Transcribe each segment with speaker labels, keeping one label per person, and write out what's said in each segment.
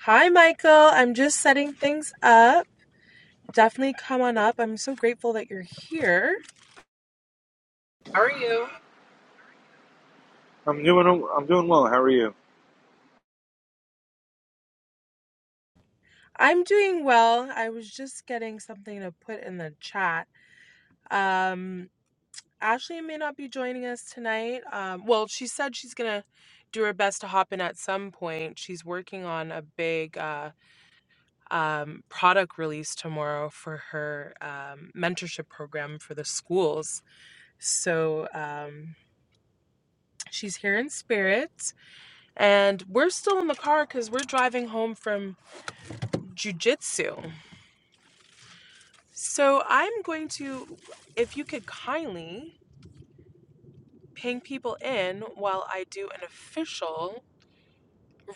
Speaker 1: Hi, Michael. I'm just setting things up. Definitely come on up. I'm so grateful that you're here. How are you?
Speaker 2: I'm doing I'm doing well. How are you?
Speaker 1: I'm doing well. I was just getting something to put in the chat. Um, Ashley may not be joining us tonight. Um, well, she said she's gonna do her best to hop in at some point. She's working on a big uh, um, product release tomorrow for her um, mentorship program for the schools. So um, she's here in spirit. And we're still in the car because we're driving home from jujitsu. So I'm going to, if you could kindly ping people in while I do an official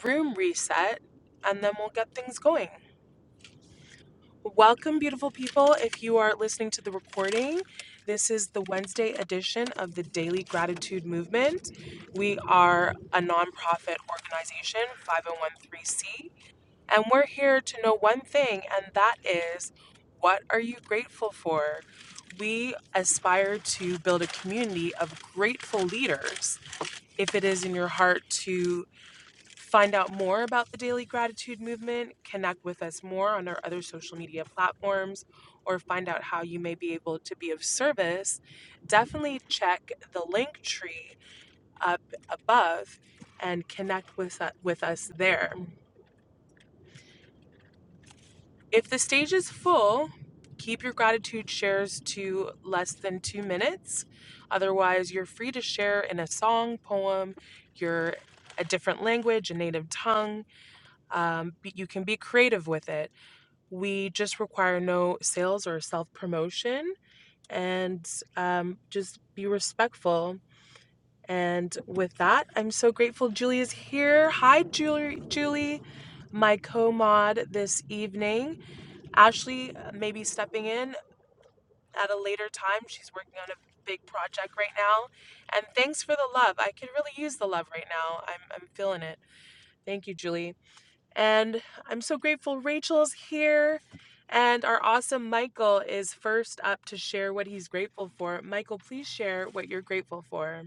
Speaker 1: room reset, and then we'll get things going. Welcome, beautiful people. If you are listening to the recording, this is the Wednesday edition of the Daily Gratitude Movement. We are a nonprofit organization, 5013C And we're here to know one thing, and that is what are you grateful for? We aspire to build a community of grateful leaders. If it is in your heart to find out more about the Daily Gratitude Movement, connect with us more on our other social media platforms, or find out how you may be able to be of service, definitely check the link tree up above and connect with, with us there. If the stage is full, keep your gratitude shares to less than two minutes. Otherwise, you're free to share in a song, poem, your a different language, a native tongue. Um, but you can be creative with it. We just require no sales or self promotion, and um, just be respectful. And with that, I'm so grateful Julie is here. Hi, Julie. Julie, my co mod this evening. Ashley uh, may be stepping in at a later time. She's working on a big project right now. And thanks for the love. I could really use the love right now. I'm, I'm feeling it. Thank you, Julie. And I'm so grateful Rachel's here. And our awesome Michael is first up to share what he's grateful for. Michael, please share what you're grateful for.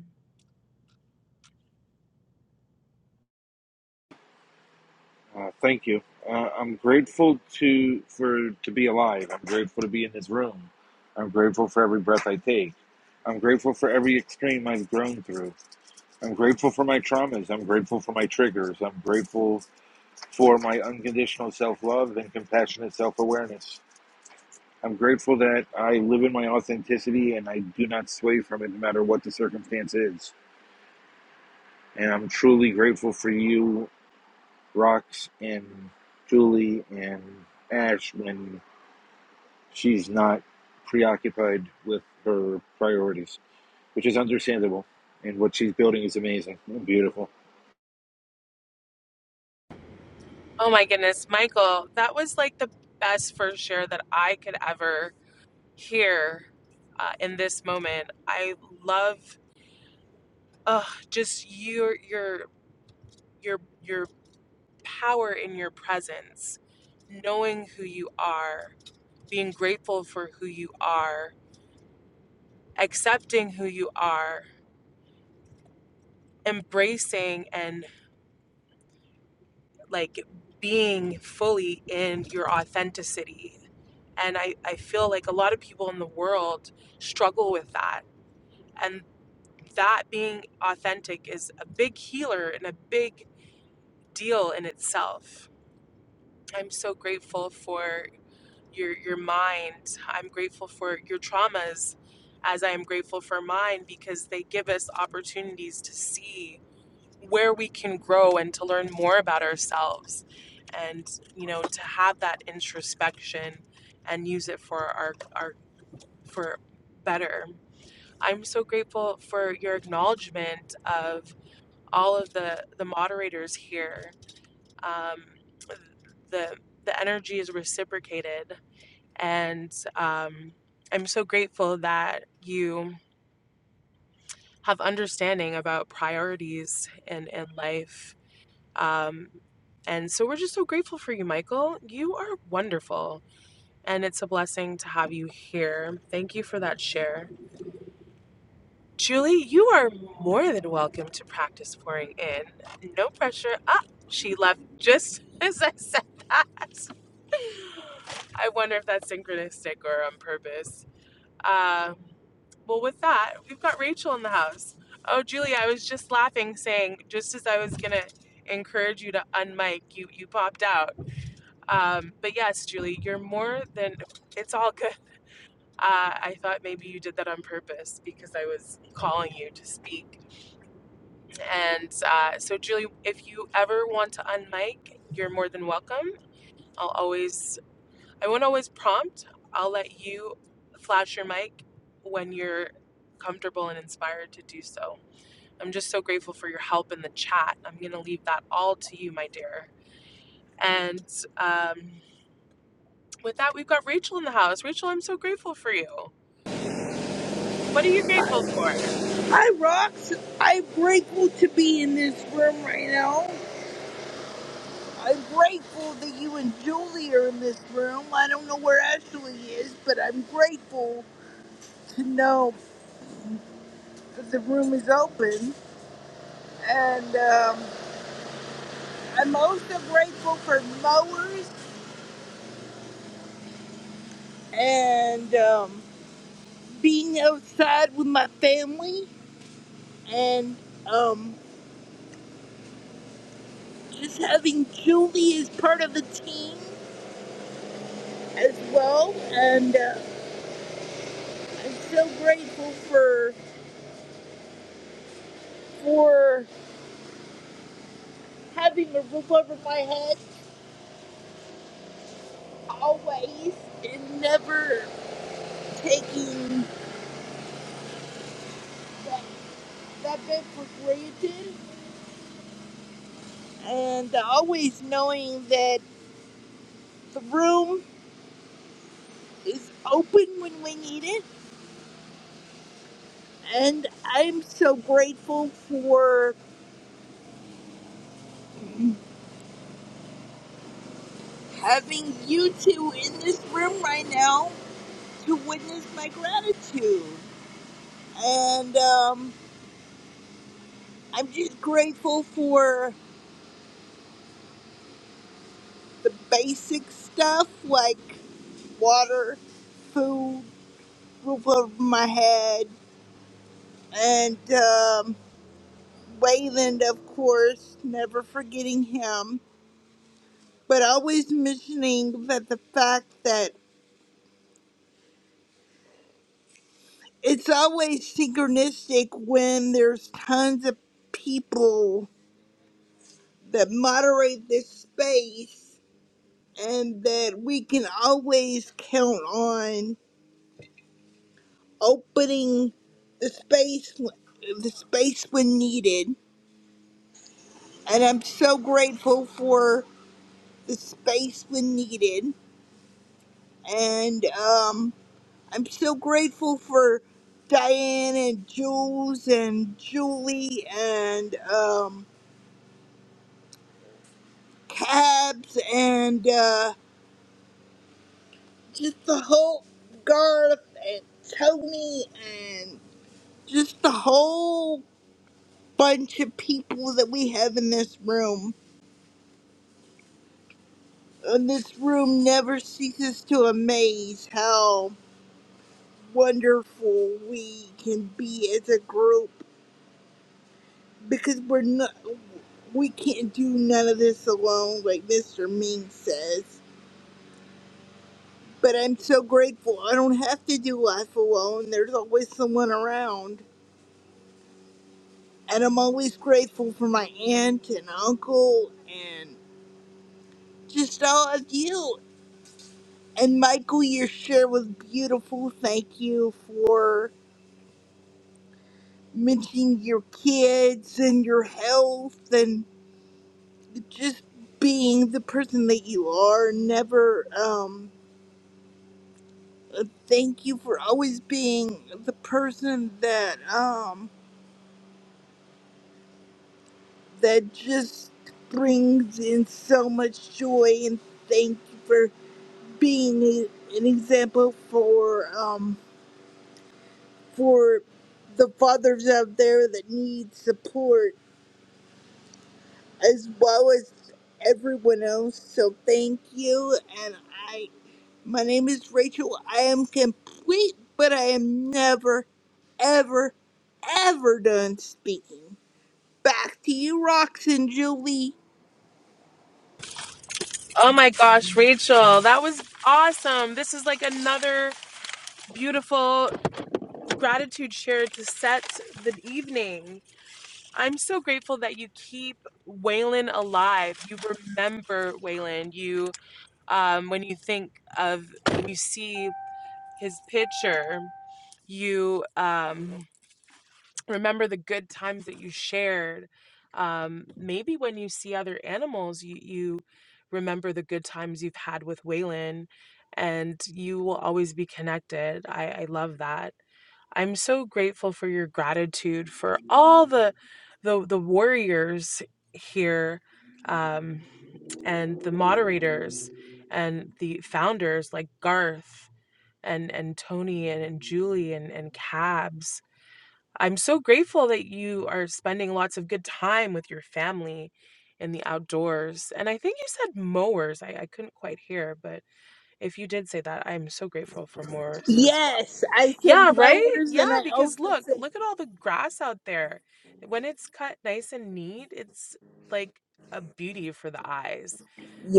Speaker 2: Uh, thank you. Uh, I'm grateful to for to be alive. I'm grateful to be in this room. I'm grateful for every breath I take. I'm grateful for every extreme I've grown through. I'm grateful for my traumas. I'm grateful for my triggers. I'm grateful for my unconditional self love and compassionate self awareness. I'm grateful that I live in my authenticity and I do not sway from it no matter what the circumstance is. And I'm truly grateful for you Rox and Julie and Ash when she's not preoccupied with her priorities, which is understandable. And what she's building is amazing and beautiful.
Speaker 1: Oh my goodness, Michael, that was like the best first share that I could ever hear uh, in this moment. I love Ugh, just your your your your power in your presence, knowing who you are, being grateful for who you are, accepting who you are, embracing and like being fully in your authenticity. And I, I feel like a lot of people in the world struggle with that. And that being authentic is a big healer and a big deal in itself. I'm so grateful for your your mind. I'm grateful for your traumas as I am grateful for mine because they give us opportunities to see where we can grow and to learn more about ourselves and you know to have that introspection and use it for our our for better. I'm so grateful for your acknowledgement of all of the the moderators here. Um, the the energy is reciprocated and um, I'm so grateful that you have understanding about priorities in, in life. Um, and so we're just so grateful for you, Michael. You are wonderful. And it's a blessing to have you here. Thank you for that share. Julie, you are more than welcome to practice pouring in. No pressure. Ah, she left just as I said that. I wonder if that's synchronistic or on purpose. Uh, well, with that, we've got Rachel in the house. Oh, Julie, I was just laughing, saying just as I was gonna encourage you to unmic, you you popped out. Um, but yes, Julie, you're more than it's all good. Uh, I thought maybe you did that on purpose because I was calling you to speak. And uh, so, Julie, if you ever want to unmic, you're more than welcome. I'll always I won't always prompt. I'll let you flash your mic when you're comfortable and inspired to do so. I'm just so grateful for your help in the chat. I'm going to leave that all to you, my dear. And um, with that, we've got Rachel in the house. Rachel, I'm so grateful for you. What are you grateful for?
Speaker 3: I rocks. I'm grateful to be in this room right now. I'm grateful that you and Julie are in this room. I don't know where Ashley is, but I'm grateful to know that the room is open. And um, I'm also grateful for mowers and um, being outside with my family and um, just having Julie as part of the team as well. And uh, I'm so grateful for. for having a roof over my head always and never taking that, that bit for granted and always knowing that the room is open when we need it. And I'm so grateful for having you two in this room right now to witness my gratitude. And um, I'm just grateful for the basic stuff like water, food, roof over my head, and um, Wayland, of course, never forgetting him, but always mentioning that the fact that it's always synchronistic when there's tons of people that moderate this space and that we can always count on opening the space the space when needed and i'm so grateful for the space when needed. And um, I'm so grateful for Diane and Jules and Julie and um, Cabs and uh, just the whole Garth and Tony and just the whole bunch of people that we have in this room. And this room never ceases to amaze how wonderful we can be as a group because we're not we can't do none of this alone like mr ming says but i'm so grateful i don't have to do life alone there's always someone around and i'm always grateful for my aunt and uncle and just all of you and michael your share was beautiful thank you for mentioning your kids and your health and just being the person that you are never um. Uh, thank you for always being the person that um that just brings in so much joy and thank you for being a- an example for um for the fathers out there that need support as well as everyone else so thank you and i my name is rachel i am complete but i am never ever ever done speaking Back to you, Roxanne, Julie.
Speaker 1: Oh my gosh, Rachel, that was awesome. This is like another beautiful gratitude share to set the evening. I'm so grateful that you keep Waylon alive. You remember Waylon. You, um, when you think of, when you see his picture, you um, remember the good times that you shared. Um, maybe when you see other animals, you, you remember the good times you've had with Waylon, and you will always be connected. I, I love that. I'm so grateful for your gratitude for all the the the warriors here um and the moderators and the founders like Garth and and Tony and, and Julie and and Cabs. I'm so grateful that you are spending lots of good time with your family in the outdoors. And I think you said mowers. I, I couldn't quite hear, but if you did say that, I'm so grateful for mowers as.
Speaker 3: Yes, I said
Speaker 1: Yeah, right?
Speaker 3: mowers,
Speaker 1: Yeah,
Speaker 3: and I
Speaker 1: because
Speaker 3: also
Speaker 1: look,
Speaker 3: said
Speaker 1: look at all the grass out there. When it's cut nice and neat, it's like a beauty for the eyes.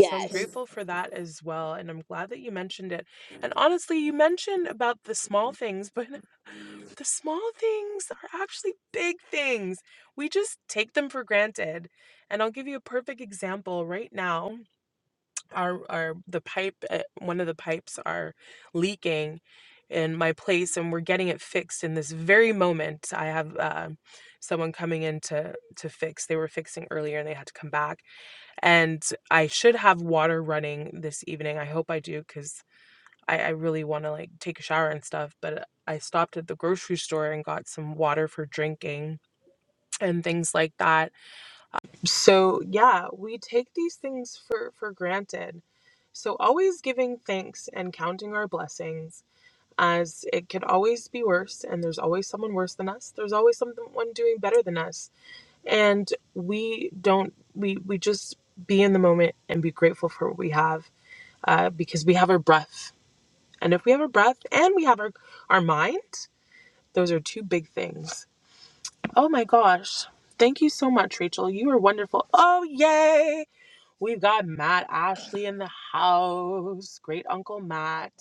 Speaker 1: So I'm grateful for that as well. And I'm glad that you mentioned it. And honestly, you mentioned about the small things, but the small things are actually big things. We just take them for granted. And I'll give you a perfect example right now our our the pipe at one of the pipes are leaking in my place and we're getting it fixed in this very moment i have uh, someone coming in to to fix they were fixing earlier and they had to come back and i should have water running this evening i hope i do because I, I really want to like take a shower and stuff but i stopped at the grocery store and got some water for drinking and things like that so yeah we take these things for for granted so always giving thanks and counting our blessings as it could always be worse and there's always someone worse than us there's always someone doing better than us and we don't we we just be in the moment and be grateful for what we have uh, because we have our breath and if we have our breath and we have our our mind those are two big things oh my gosh thank you so much rachel you are wonderful oh yay! We've got Matt Ashley in the house. Great Uncle Matt.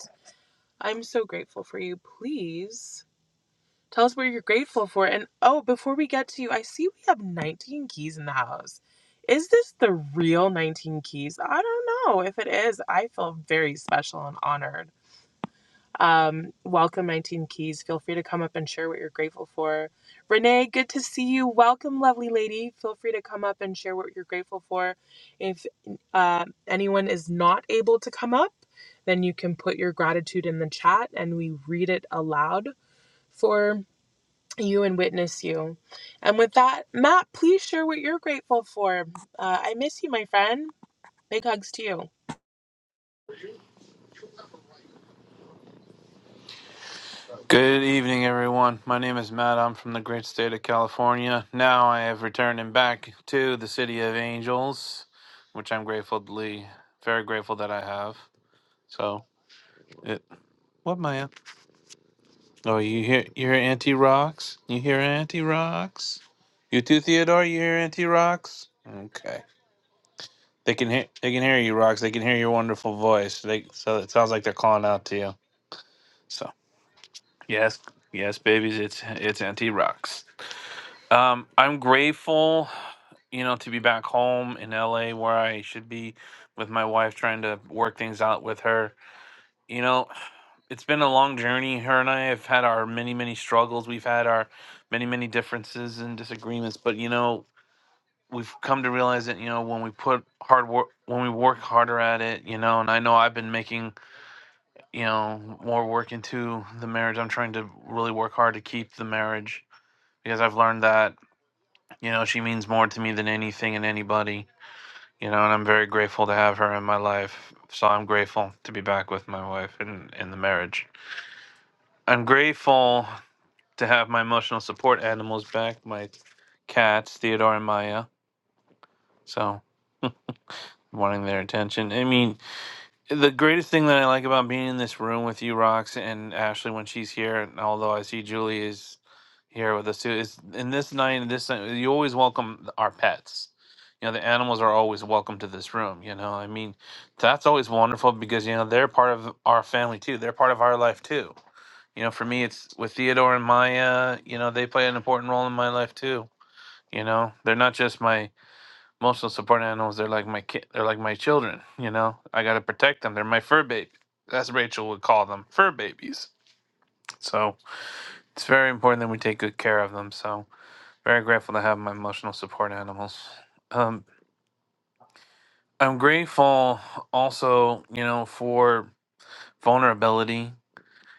Speaker 1: I'm so grateful for you. Please tell us what you're grateful for. And oh, before we get to you, I see we have 19 keys in the house. Is this the real 19 keys? I don't know. If it is, I feel very special and honored. Um, welcome, 19 Keys. Feel free to come up and share what you're grateful for. Renee, good to see you. Welcome, lovely lady. Feel free to come up and share what you're grateful for. If uh, anyone is not able to come up, then you can put your gratitude in the chat and we read it aloud for you and witness you. And with that, Matt, please share what you're grateful for. Uh, I miss you, my friend. Big hugs to you.
Speaker 4: Good evening, everyone. My name is Matt. I'm from the great state of California. Now I have returned and back to the city of angels, which I'm gratefully very grateful that I have. So, it, what Maya? Oh, you hear you hear Auntie rocks? You hear Auntie rocks? You too, Theodore. You hear Auntie rocks? Okay. They can hear they can hear you, rocks. They can hear your wonderful voice. They so it sounds like they're calling out to you. So yes, yes, babies. It's it's Auntie rocks. Um, I'm grateful, you know, to be back home in LA where I should be with my wife, trying to work things out with her. You know, it's been a long journey. Her and I have had our many, many struggles. We've had our many, many differences and disagreements, but you know, we've come to realize that, you know, when we put hard work, when we work harder at it, you know, and I know I've been making, you know, more work into the marriage. I'm trying to really work hard to keep the marriage because I've learned that You know, she means more to me than anything and anybody. You know, and I'm very grateful to have her in my life. So I'm grateful to be back with my wife and in the marriage. I'm grateful to have my emotional support animals back, my cats, Theodore and Maya. So wanting their attention. I mean, the greatest thing that I like about being in this room with you, Rox, and Ashley when she's here, and although I see Julie is here with us too, is in this night and this night, you always welcome th- our pets. You know, the animals are always welcome to this room. You know, I mean, that's always wonderful because, you know, they're part of our family too. They're part of our life too. You know, for me, it's with Theodore and Maya, you know, they play an important role in my life too. You know, they're not just my Emotional support animals they're like my kid they're like my children you know i gotta protect them they're my fur baby that's rachel would call them fur babies so it's very important that we take good care of them so very grateful to have my emotional support animals um, i'm grateful also you know for vulnerability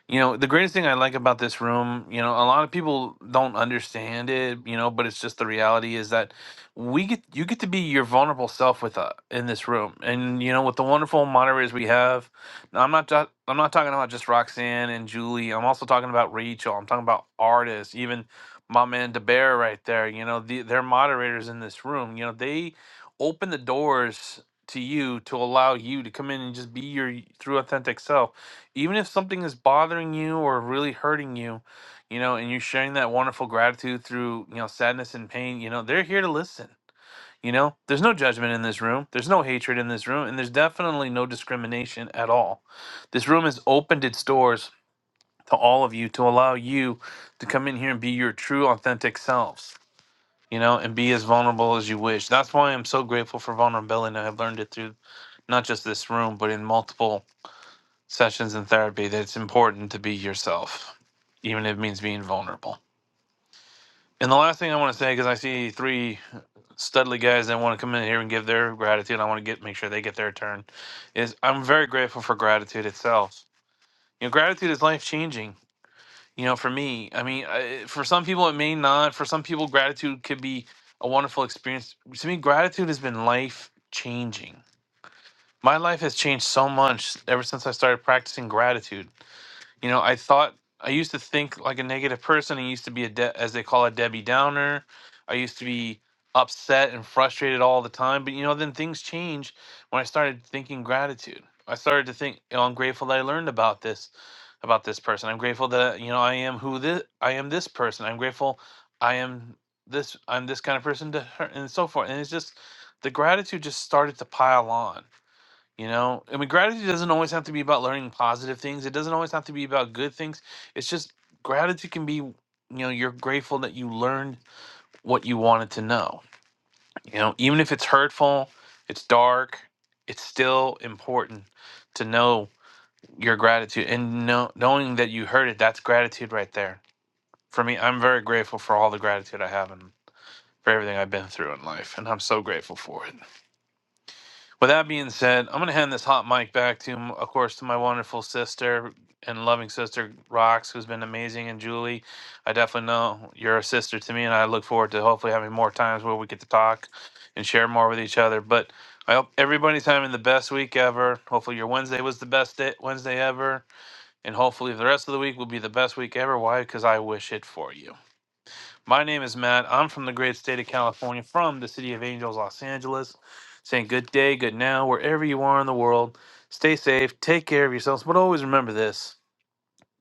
Speaker 4: you know the greatest thing i like about this room you know a lot of people don't understand it you know but it's just the reality is that we get you get to be your vulnerable self with uh, in this room and you know with the wonderful moderators we have now, i'm not ta- i'm not talking about just roxanne and julie i'm also talking about rachel i'm talking about artists even my man DeBear right there you know the, they're moderators in this room you know they open the doors to you to allow you to come in and just be your y- true authentic self even if something is bothering you or really hurting you, you know, and you're sharing that wonderful gratitude through, you know, sadness and pain, you know, they're here to listen. You know, there's no judgment in this room. There's no hatred in this room. And there's definitely no discrimination at all. This room has opened its doors to all of you to allow you to come in here and be your true, authentic selves, you know, and be as vulnerable as you wish. That's why I'm so grateful for vulnerability. And I've learned it through not just this room, but in multiple sessions in therapy that it's important to be yourself, even if it means being vulnerable. And the last thing I want to say, because I see three studly guys that want to come in here and give their gratitude, I want to get make sure they get their turn, is I'm very grateful for gratitude itself. You know, gratitude is life changing. You know, for me, I mean, I, for some people it may not. For some people, gratitude could be a wonderful experience. To me, gratitude has been life changing. My life has changed so much ever since I started practicing gratitude You know, I thought I used to think like a negative person. I used to be a de- as they call it Debbie Downer. I used to be upset and frustrated all the time. But you know, then things change when I started thinking gratitude. I started to think, you know, I'm grateful that I learned about this about this person. I'm grateful that you know I am who this I am this person. I'm grateful I am this I'm this kind of person to her and so forth. And it's just the gratitude just started to pile on you know, I mean, gratitude doesn't always have to be about learning positive things. It doesn't always have to be about good things. It's just gratitude can be, you know, you're grateful that you learned what you wanted to know. You know, even if it's hurtful, it's dark, it's still important to know your gratitude and know, knowing that you heard it. That's gratitude right there. For me, I'm very grateful for all the gratitude I have and for everything I've been through in life, and I'm so grateful for it. With that being said, I'm going to hand this hot mic back to, m- of course, to my wonderful sister and loving sister, Rox, who's been amazing. And Julie, I definitely know you're a sister to me, and I look forward to hopefully having more times where we get to talk and share more with each other. But I hope everybody's having the best week ever. Hopefully, your Wednesday was the best day, Wednesday ever. And hopefully, the rest of the week will be the best week ever. Why? Because I wish it for you. My name is Matt. I'm from the great state of California, from the city of Angels, Los Angeles. Saying good day, good now, wherever you are in the world. Stay safe, take care of yourselves, but always remember this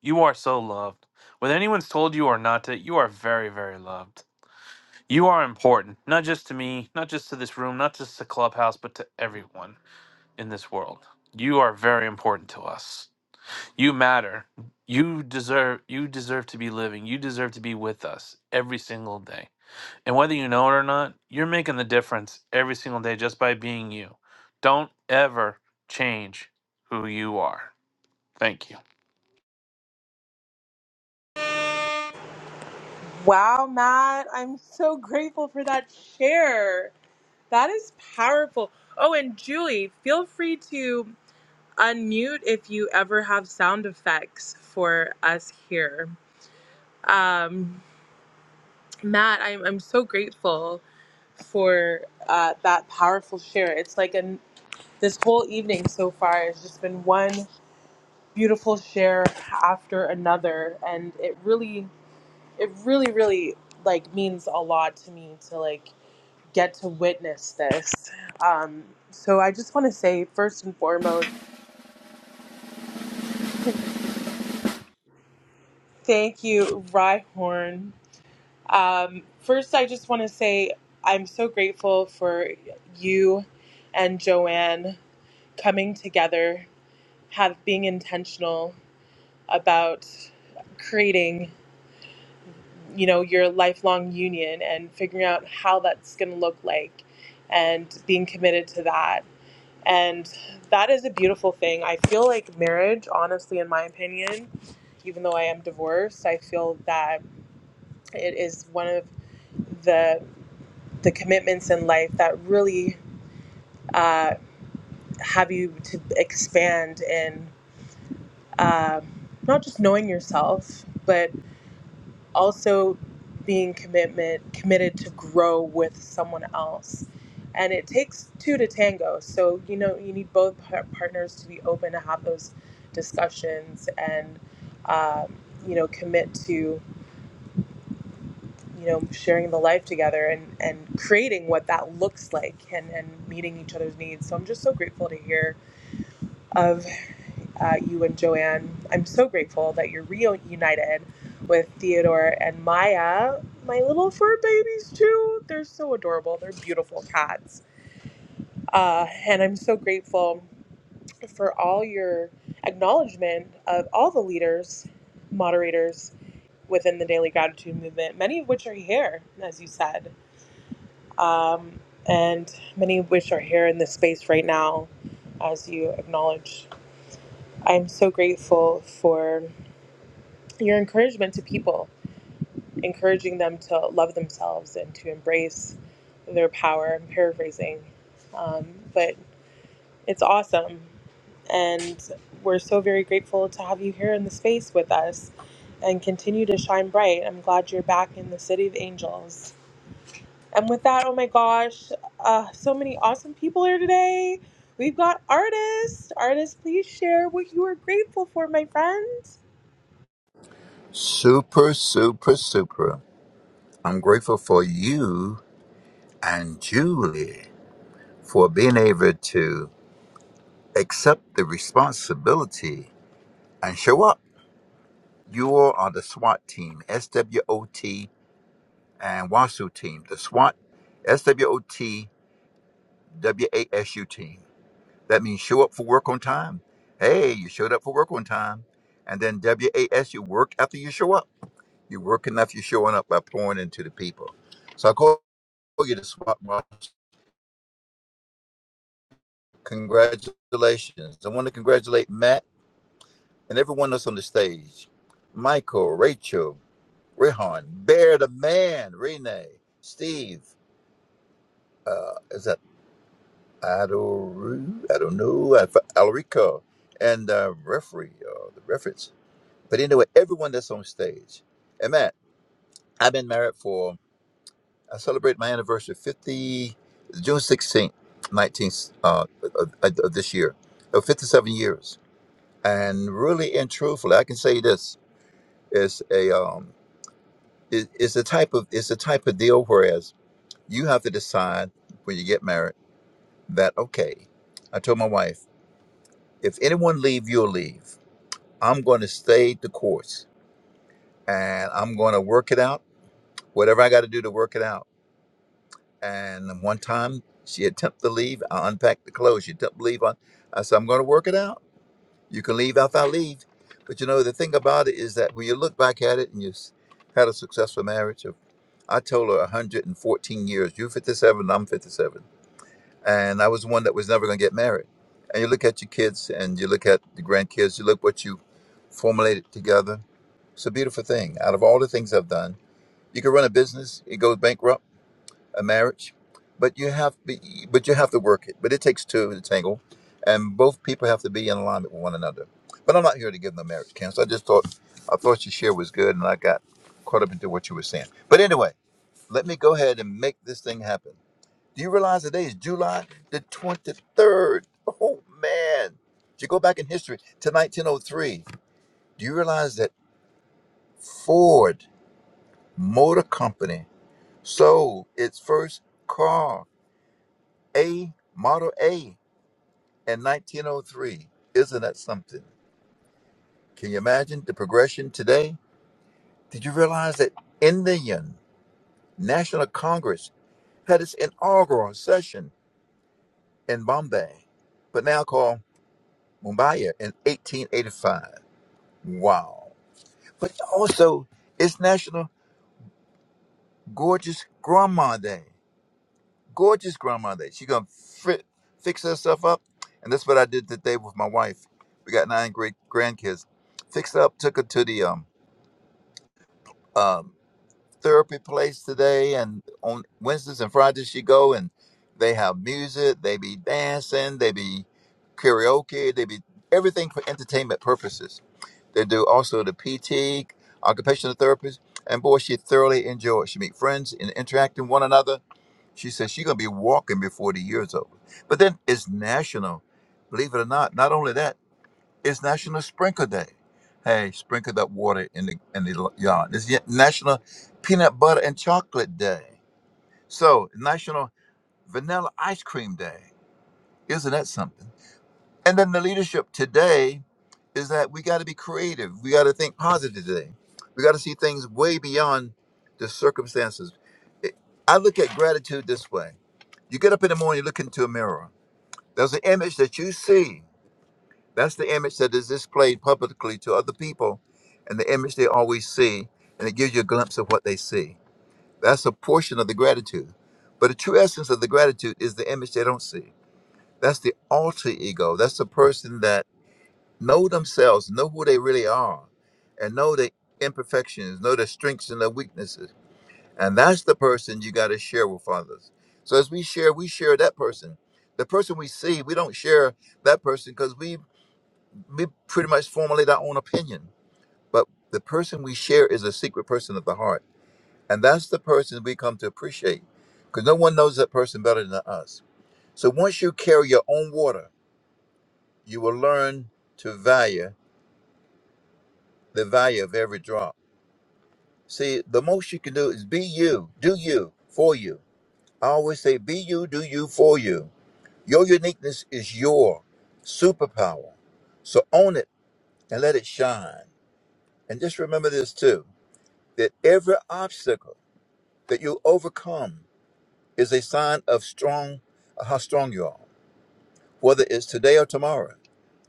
Speaker 4: you are so loved. Whether anyone's told you or not to, you are very, very loved. You are important, not just to me, not just to this room, not just to Clubhouse, but to everyone in this world. You are very important to us. You matter. You deserve you deserve to be living. You deserve to be with us every single day. And whether you know it or not, you're making the difference every single day just by being you. Don't ever change who you are. Thank you.
Speaker 1: Wow, Matt, I'm so grateful for that share. That is powerful. Oh, and Julie, feel free to unmute if you ever have sound effects for us here. Um, Matt, I'm, I'm so grateful for uh, that powerful share. It's like an, this whole evening so far has just been one beautiful share after another, and it really, it really, really like means a lot to me to like get to witness this. Um, so I just want to say, first and foremost, thank you, Rhyhorn. Um, first, I just want to say I'm so grateful for you and Joanne coming together, have being intentional about creating, you know, your lifelong union and figuring out how that's going to look like, and being committed to that. And that is a beautiful thing. I feel like marriage, honestly, in my opinion, even though I am divorced, I feel that it is one of the the commitments in life that really uh, have you to expand in uh, not just knowing yourself, but also being commitment committed to grow with someone else and it takes two to tango so you know you need both par- partners to be open to have those discussions and um, you know commit to you know sharing the life together and and creating what that looks like and and meeting each other's needs so i'm just so grateful to hear of uh, you and Joanne. I'm so grateful that you're reunited with Theodore and Maya, my little fur babies, too. They're so adorable. They're beautiful cats. Uh, and I'm so grateful for all your acknowledgement of all the leaders, moderators within the Daily Gratitude Movement, many of which are here, as you said, um, and many of which are here in this space right now, as you acknowledge. I'm so grateful for your encouragement to people, encouraging them to love themselves and to embrace their power. I'm paraphrasing, um, but it's awesome. And we're so very grateful to have you here in the space with us and continue to shine bright. I'm glad you're back in the City of Angels. And with that, oh my gosh, uh, so many awesome people here today. We've got artists. Artists, please share what you are grateful for, my friends.
Speaker 5: Super, super, super. I'm grateful for you and Julie for being able to accept the responsibility and show up. You all are the SWAT team, SWOT and WASU team. The SWAT, S W O T, W A S U team. That means show up for work on time. Hey, you showed up for work on time. And then W A S you work after you show up. You work enough, you're showing up by pouring into the people. So I call you the SWAT Congratulations. I want to congratulate Matt and everyone else on the stage. Michael, Rachel, Rehan, Bear the Man, Renee, Steve, uh, is that Adoru? I don't know, Alf- Alarico, and uh, referee, uh, the reference. But anyway, everyone that's on stage. And Matt, I've been married for, I celebrate my anniversary 50, June 16th, 19th uh, of, of of this year, of 57 years and really and truthfully, I can say this: it's a um, it, it's a type of it's a type of deal. Whereas you have to decide when you get married that okay, I told my wife if anyone leave, you'll leave. I'm going to stay the course, and I'm going to work it out. Whatever I got to do to work it out. And one time she attempted to leave, I unpacked the clothes. She attempted to leave. I, I said I'm going to work it out You can leave after I leave. But you know, the thing about it is that when you look back at it and you s- had a successful marriage, of, I told her 114 years, you're 57, I'm 57. And I was the one that was never going to get married. And you look at your kids and you look at the grandkids, you look what you formulated together. It's a beautiful thing. Out of all the things I've done, you can run a business, it goes bankrupt a marriage, but you have be- but you have to work it. But it takes two to tangle, and both people have to be in alignment with one another. But I'm not here to give no marriage counsel. I just thought I thought your share was good, and I got caught up into what you were saying. But anyway, let me go ahead and make this thing happen. Do you realize today is July the 23rd? Oh man! If you go back in history to 1903, do you realize that Ford Motor Company sold its first car? A Model A in 1903. Isn't that something? Can you imagine the progression today? Did you realize that Indian National Congress had its inaugural session in Bombay, but now called Mumbai in 1885? Wow. But also, it's National Gorgeous Grandma Day. gorgeous grandmother. She gonna fi- fix herself up, and that's what I did today with my wife. We got nine great grandkids. Fixed her up, took her to the um, um, therapy place today, and on Wednesdays and Fridays she go and they have music, they be dancing, they be karaoke, they be everything for entertainment purposes. They do also the PT, occupational therapist, and boy, she thoroughly enjoys. She meet friends and interact with one another she says she's gonna be walking before the year's over. But then it's national, believe it or not. Not only that, it's National Sprinkle Day. Hey, sprinkle that water in the in the lo- yard. It's yet National Peanut Butter and Chocolate Day. So National Vanilla Ice Cream Day. Isn't that something? And then the leadership today is that we got to be creative. We got to think positive today. We got to see things way beyond the circumstances. It- I look at gratitude this way you get up in the morning, you look into a mirror. There's an image that you see. That's the image that is displayed publicly to other people, and the image they always see, and it gives you a glimpse of what they see. That's a portion of the gratitude. But the true essence of the gratitude is the image they don't see. That's the alter ego. That's the person that know themselves, know who they really are, and know the imperfections, know their strengths and their weaknesses. And that's the person you got to share with others. So as we share, we share that person. The person we see, we don't share that person because we we pretty much formulate our own opinion. But the person we share is a secret person of the heart, and that's the person we come to appreciate, because no one knows that person better than us. So once you carry your own water, you will learn to value the value of every drop See, the most you can do is be you, do you, for you. I always say, be you, do you, for you. Your uniqueness is your superpower. So own it and let it shine. And just remember this too that every obstacle that you overcome is a sign of strong, uh, how strong you are. Whether it's today or tomorrow,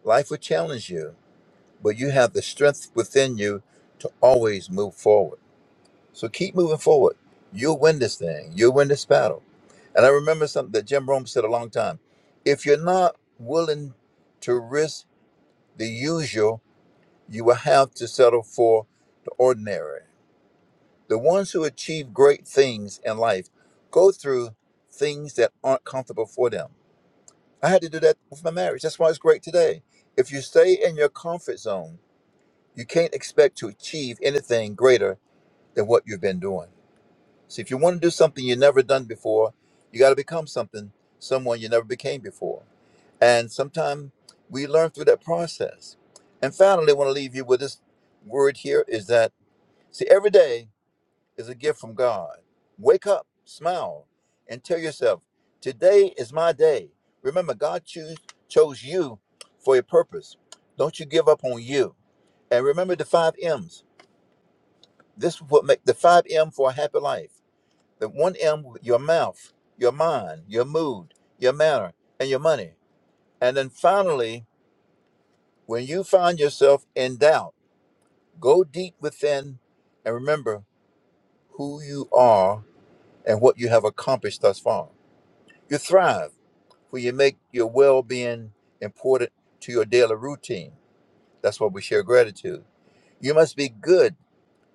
Speaker 5: life will challenge you, but you have the strength within you to always move forward. So keep moving forward. You'll win this thing. You'll win this battle. And I remember something that Jim Rome said a long time. If you're not willing to risk the usual, you will have to settle for the ordinary. The ones who achieve great things in life go through things that aren't comfortable for them. I had to do that with my marriage. That's why it's great today. If you stay in your comfort zone, you can't expect to achieve anything greater than what you've been doing. See, if you want to do something you've never done before, you got to become something, someone you never became before. And sometimes we learn through that process. And finally, I want to leave you with this word here is that, see, every day is a gift from God. Wake up, smile, and tell yourself, today is my day. Remember, God choose, chose you for a purpose. Don't you give up on you. And remember the five M's. This is what make the five M for a happy life. The one M, your mouth, your mind, your mood, your manner, and your money. And then finally, when you find yourself in doubt, go deep within and remember who you are and what you have accomplished thus far. You thrive when you make your well being important to your daily routine. That's why we share gratitude. You must be good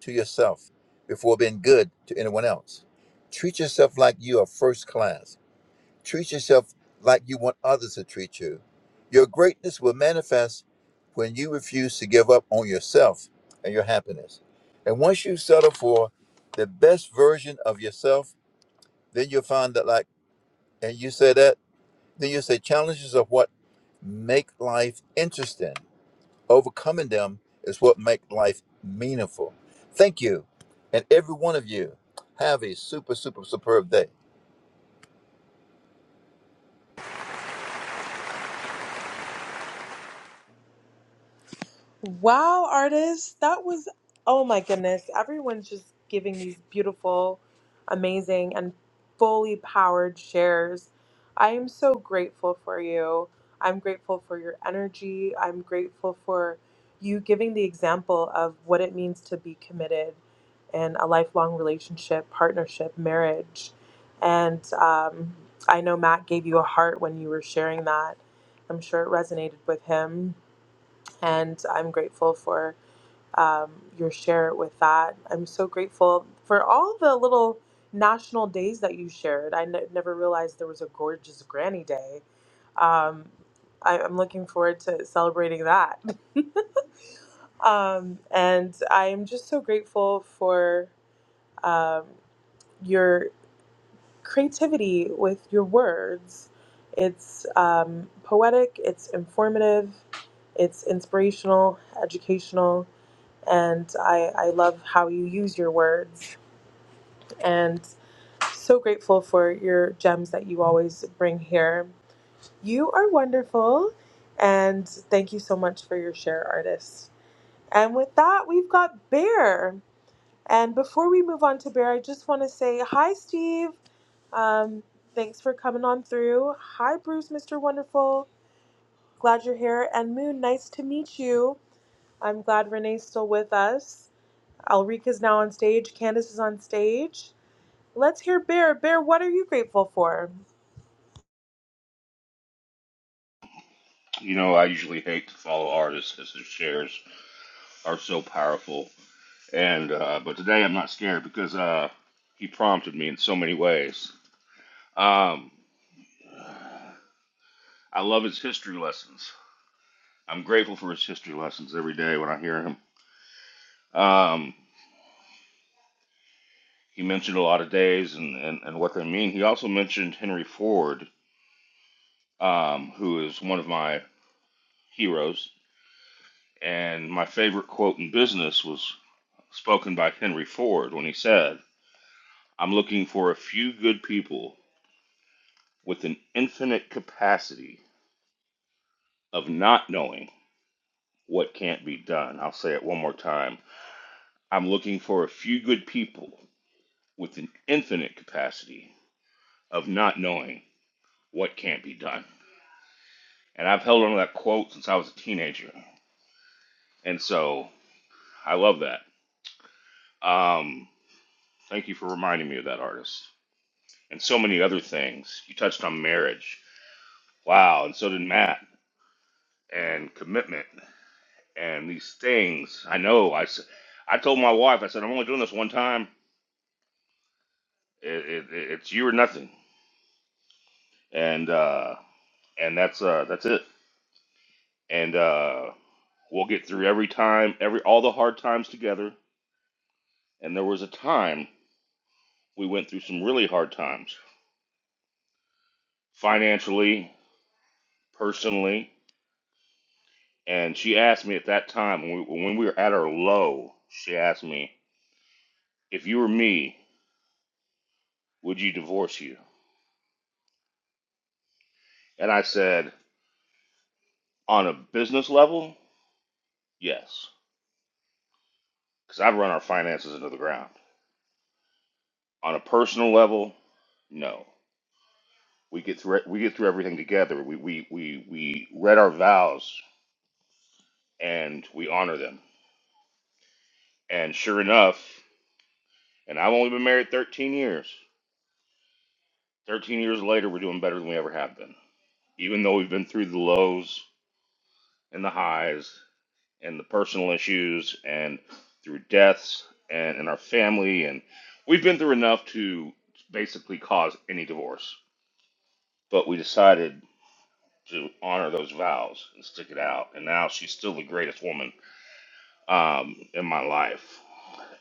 Speaker 5: to yourself before being good to anyone else. Treat yourself like you are first class Treat yourself like you want others to treat you. Your greatness will manifest when you refuse to give up on yourself and your happiness. And once you settle for the best version of yourself, then you'll find that, like, and you say that, then you say challenges are what make life interesting. Overcoming them is what make life meaningful. Thank you. And every one of you, have a super, super, superb day.
Speaker 1: Wow, artists, that was oh my goodness. Everyone's just giving these beautiful, amazing, and fully powered shares. I am so grateful for you. I'm grateful for your energy. I'm grateful for you giving the example of what it means to be committed in a lifelong relationship, partnership, marriage. And um, I know Matt gave you a heart when you were sharing that. I'm sure it resonated with him and I'm grateful for um, your share with that. I'm so grateful for all the little national days that you shared. I n- never realized there was a gorgeous Granny Day. Um, I- I'm looking forward to celebrating that. Um, and I'm just so grateful for um, your creativity with your words. It's um, poetic, it's informative, it's inspirational, educational and I, I love how you use your words and so grateful for your gems that you always bring here. You are wonderful and thank you so much for your share artist. And with that, we've got Bear. And before we move on to Bear, I just want to say hi, Steve. Um, thanks for coming on through. Hi, Bruce, Mr. Wonderful. Glad you're here. And Moon, nice to meet you. I'm glad Renee's still with us. Alrika is now on stage. Candace is on stage. Let's hear Bear. Bear, what are you grateful for?
Speaker 6: You know, I usually hate to follow artists because their shares are so powerful. And uh, but today I'm not scared because uh, he prompted me in so many ways. Um, I love his history lessons. I'm grateful for his history lessons every day when I hear him. Um, he mentioned a lot of days and, and, and what they mean. He also mentioned Henry Ford, um, who is one of my heroes. And my favorite quote in business was spoken by Henry Ford when he said, I'm looking for a few good people with an infinite capacity of not knowing what can't be done. I'll say it one more time. I'm looking for a few good people with an infinite capacity of not knowing what can't be done. And I've held on to that quote since I was a teenager. And so I love that. Um, thank you for reminding me of that artist and so many other things. You touched on marriage. Wow. And so did Matt and commitment. and these things. I know. I, s- I told my wife, I said, I'm only doing this one time. It, it, it's you or nothing. And uh, and that's uh, that's it. And uh, we'll get through every time, every all the hard times together. And there was a time we went through some really hard times, financially, personally. And she asked me at that time when we, when we were at our low, she asked me, if you were me, would you divorce you? And I said, on a business level, yes because I'd run our finances into the ground. On a personal level, no. We get through we get through everything together. We we we we read our vows and we honor them. And sure enough, and I've only been married 13 years. 13 years later, we're doing better than we ever have been. Even though we've been through the lows and the highs and the personal issues and through deaths and in our family and we've been through enough to basically cause any divorce. But we decided to honor those vows and stick it out. And now she's still the greatest woman um, in my life.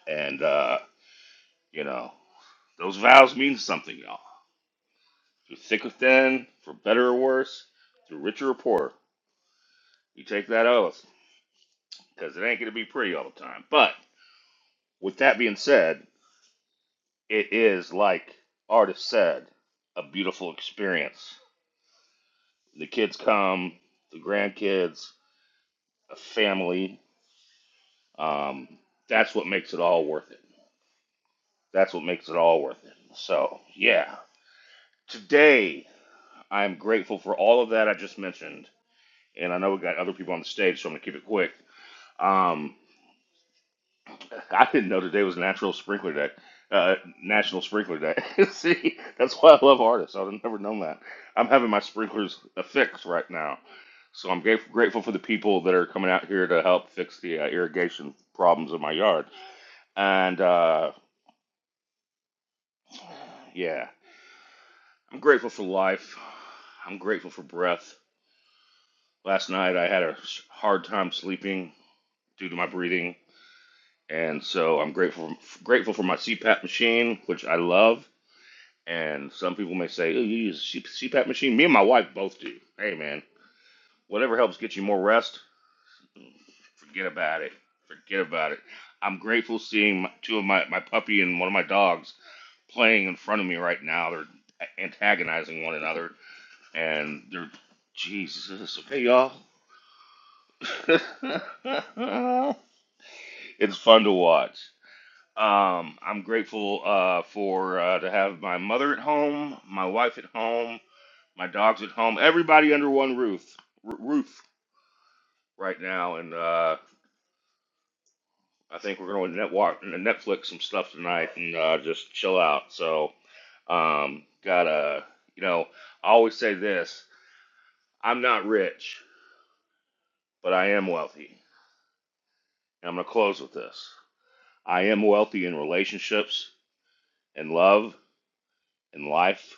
Speaker 6: And uh, you know, those vows mean something, y'all. Through thick or thin, for better or worse, through richer or poorer, you take that oath because it ain't gonna be pretty all the time. But with that being said, it is like artist said, a beautiful experience. The kids come, the grandkids, a family. Um, that's what makes it all worth it. That's what makes it all worth it. So, yeah. Today, I'm grateful for all of that I just mentioned. And I know we got other people on the stage, so I'm going to keep it quick. Um, I didn't know today was Natural Sprinkler Day. Uh, National Sprinkler Day. See, that's why I love artists. I'd have never known that. I'm having my sprinklers fixed right now. So I'm grateful, grateful for the people that are coming out here to help fix the uh, irrigation problems in my yard. And uh, yeah, I'm grateful for life. I'm grateful for breath. Last night I had a hard time sleeping due to my breathing, and so I'm grateful grateful for my CPAP machine, which I love. And some people may say, "Oh, you use a C- CPAP machine?" Me and my wife both do. Hey, man, whatever helps get you more rest, forget about it. Forget about it. I'm grateful seeing two of my my puppy and one of my dogs playing in front of me right now. They're antagonizing one another, and they're Jesus. Okay, y'all. it's fun to watch. Um, I'm grateful uh, for uh, to have my mother at home, my wife at home, my dogs at home, everybody under one roof r- roof right now, and uh, I think we're going to net walk, Netflix some stuff tonight and uh, just chill out. So, um, gotta you know, I always say this: I'm not rich, but I am wealthy. And I'm gonna close with this: I am wealthy in relationships and love in life,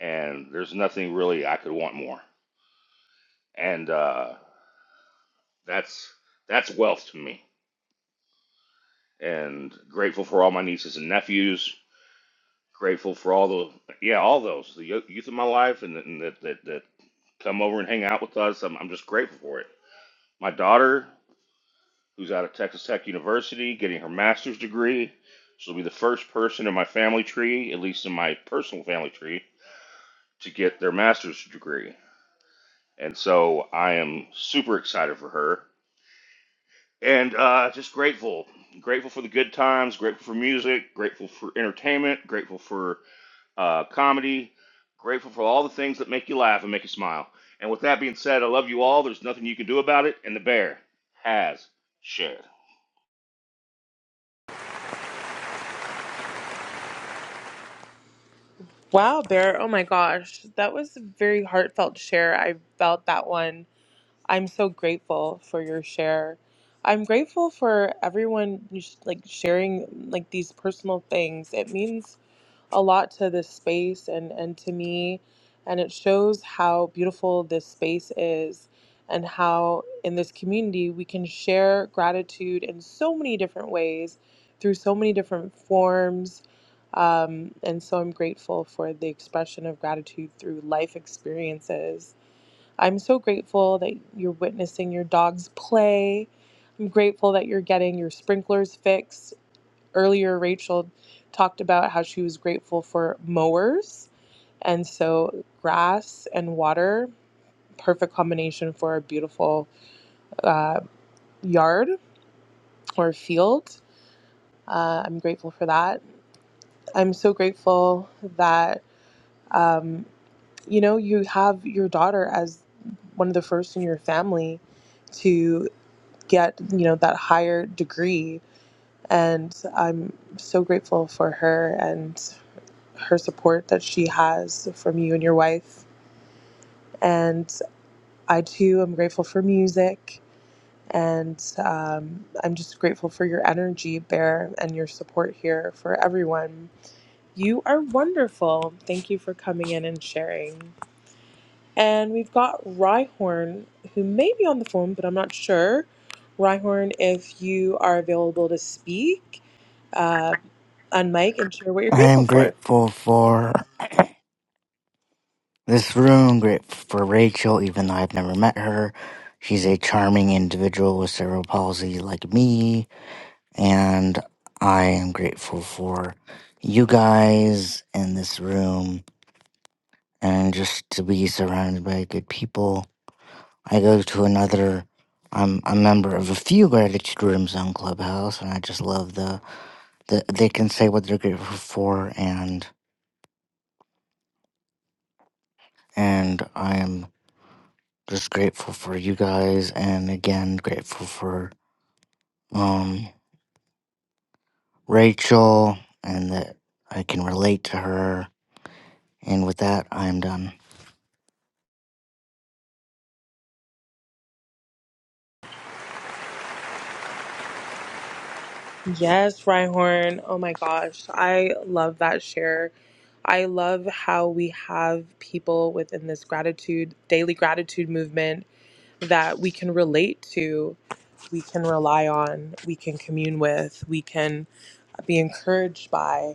Speaker 6: and there's nothing really I could want more. And uh, that's that's wealth to me. And grateful for all my nieces and nephews. Grateful for all the yeah, all those the youth of my life and, and that, that that come over and hang out with us. I'm I'm just grateful for it. My daughter, who's out of Texas Tech University, getting her master's degree. She'll be the first person in my family tree, at least in my personal family tree, to get their master's degree. And so I am super excited for her and uh, just grateful, grateful for the good times, grateful for music, grateful for entertainment, grateful for uh, comedy, grateful for all the things that make you laugh and make you smile. And with that being said, I love you all. There's nothing you can do about it, and the bear has shared.
Speaker 1: Wow, Bear. Oh my gosh. That was a very heartfelt share. I felt that one. I'm so grateful for your share. I'm grateful for everyone like sharing like these personal things. It means a lot to this space and, and to me. And it shows how beautiful this space is and how in this community we can share gratitude in so many different ways through so many different forms. Um, and so I'm grateful for the expression of gratitude through life experiences. I'm so grateful that you're witnessing your dog's play. I'm grateful that you're getting your sprinklers fixed earlier Rachel talked about how she was grateful for mowers. And so, grass and water, perfect combination for a beautiful uh, yard or field. Uh, I'm grateful for that. I'm so grateful that, um, you know, you have your daughter as one of the first in your family to get, you know, that higher degree. And I'm so grateful for her and her support that she has from you and your wife. And I too am grateful for music. And um, I'm just grateful for your energy, Bear, and your support here for everyone. You are wonderful. Thank you for coming in and sharing. And we've got Rhyhorn, who may be on the phone, but I'm not sure. Rhyhorn, if you are available to speak uh, on mic and share what you're
Speaker 7: I
Speaker 1: grateful
Speaker 7: am
Speaker 1: for.
Speaker 7: grateful for this room, grateful for Rachel, even though I've never met her. She's a charming individual with cerebral palsy like me, and I am grateful for you guys in this room and just to be surrounded by good people. I go to another I'm a member of a few gratitude rooms on Clubhouse and I just love the, the they can say what they're grateful for and and I am Just grateful for you guys, and again, grateful for um, Rachel, and that I can relate to her. And with that, I am done.
Speaker 1: Yes, Rhyhorn. Oh my gosh. I love that share. I love how we have people within this gratitude, daily gratitude movement that we can relate to, we can rely on, we can commune with, we can be encouraged by.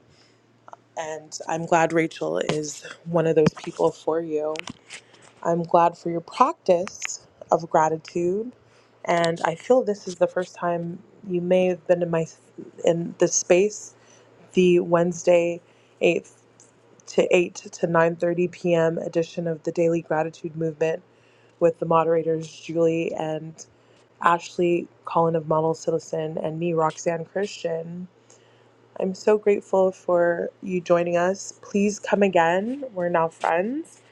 Speaker 1: And I'm glad Rachel is one of those people for you. I'm glad for your practice of gratitude. And I feel this is the first time you may have been in my in this space the Wednesday 8th to 8 to 9:30 p.m. edition of the Daily Gratitude Movement with the moderators Julie and Ashley Collin of Model Citizen and me Roxanne Christian. I'm so grateful for you joining us. Please come again. We're now friends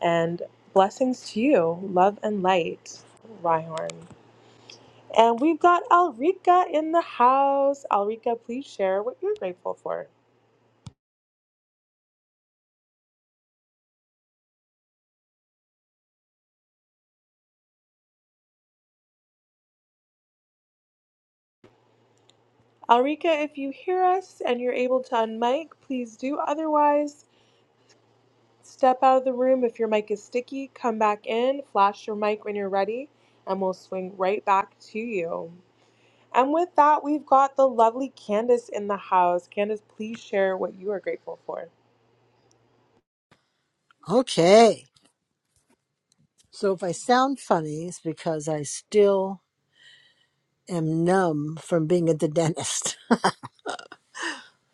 Speaker 1: and blessings to you. Love and light. Rhyhorn. And we've got Alrika in the house. Alrika, please share what you're grateful for. Alrika, if you hear us and you're able to unmic, please do. Otherwise, step out of the room. If your mic is sticky, come back in, flash your mic when you're ready, and we'll swing right back to you. And with that, we've got the lovely Candace in the house. Candace, please share what you are grateful for.
Speaker 8: Okay. So if I sound funny, it's because I still am numb from being at the dentist.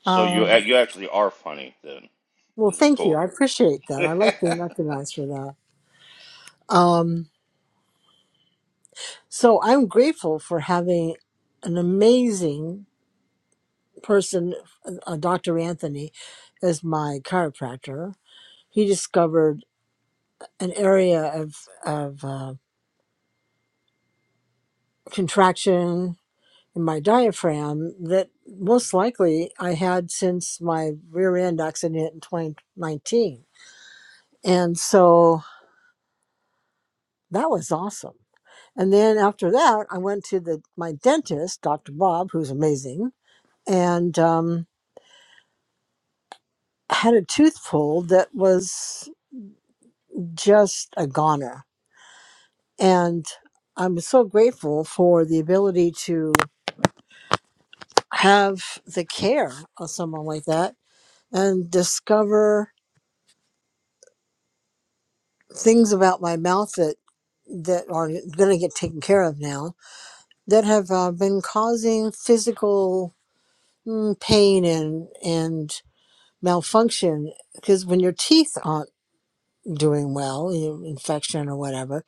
Speaker 6: So you
Speaker 8: Um,
Speaker 6: you actually are funny. Then
Speaker 8: well,
Speaker 6: this is
Speaker 8: thank you.
Speaker 6: cool.
Speaker 8: I appreciate that. I like being recognized for that. Um, so I'm grateful for having an amazing person, uh, Dr. Anthony, as my chiropractor. He discovered an area of, of uh, contraction in my diaphragm that most likely I had since my rear end accident in 2019. And so that was awesome. And then after that, I went to the my dentist, Dr. Bob, who's amazing, and um, had a tooth pulled that was just a goner. And I'm so grateful for the ability to have the care of someone like that and discover things about my mouth that that are going to get taken care of now that have uh, been causing physical mm, pain and and malfunction because when your teeth aren't doing well you know, infection or whatever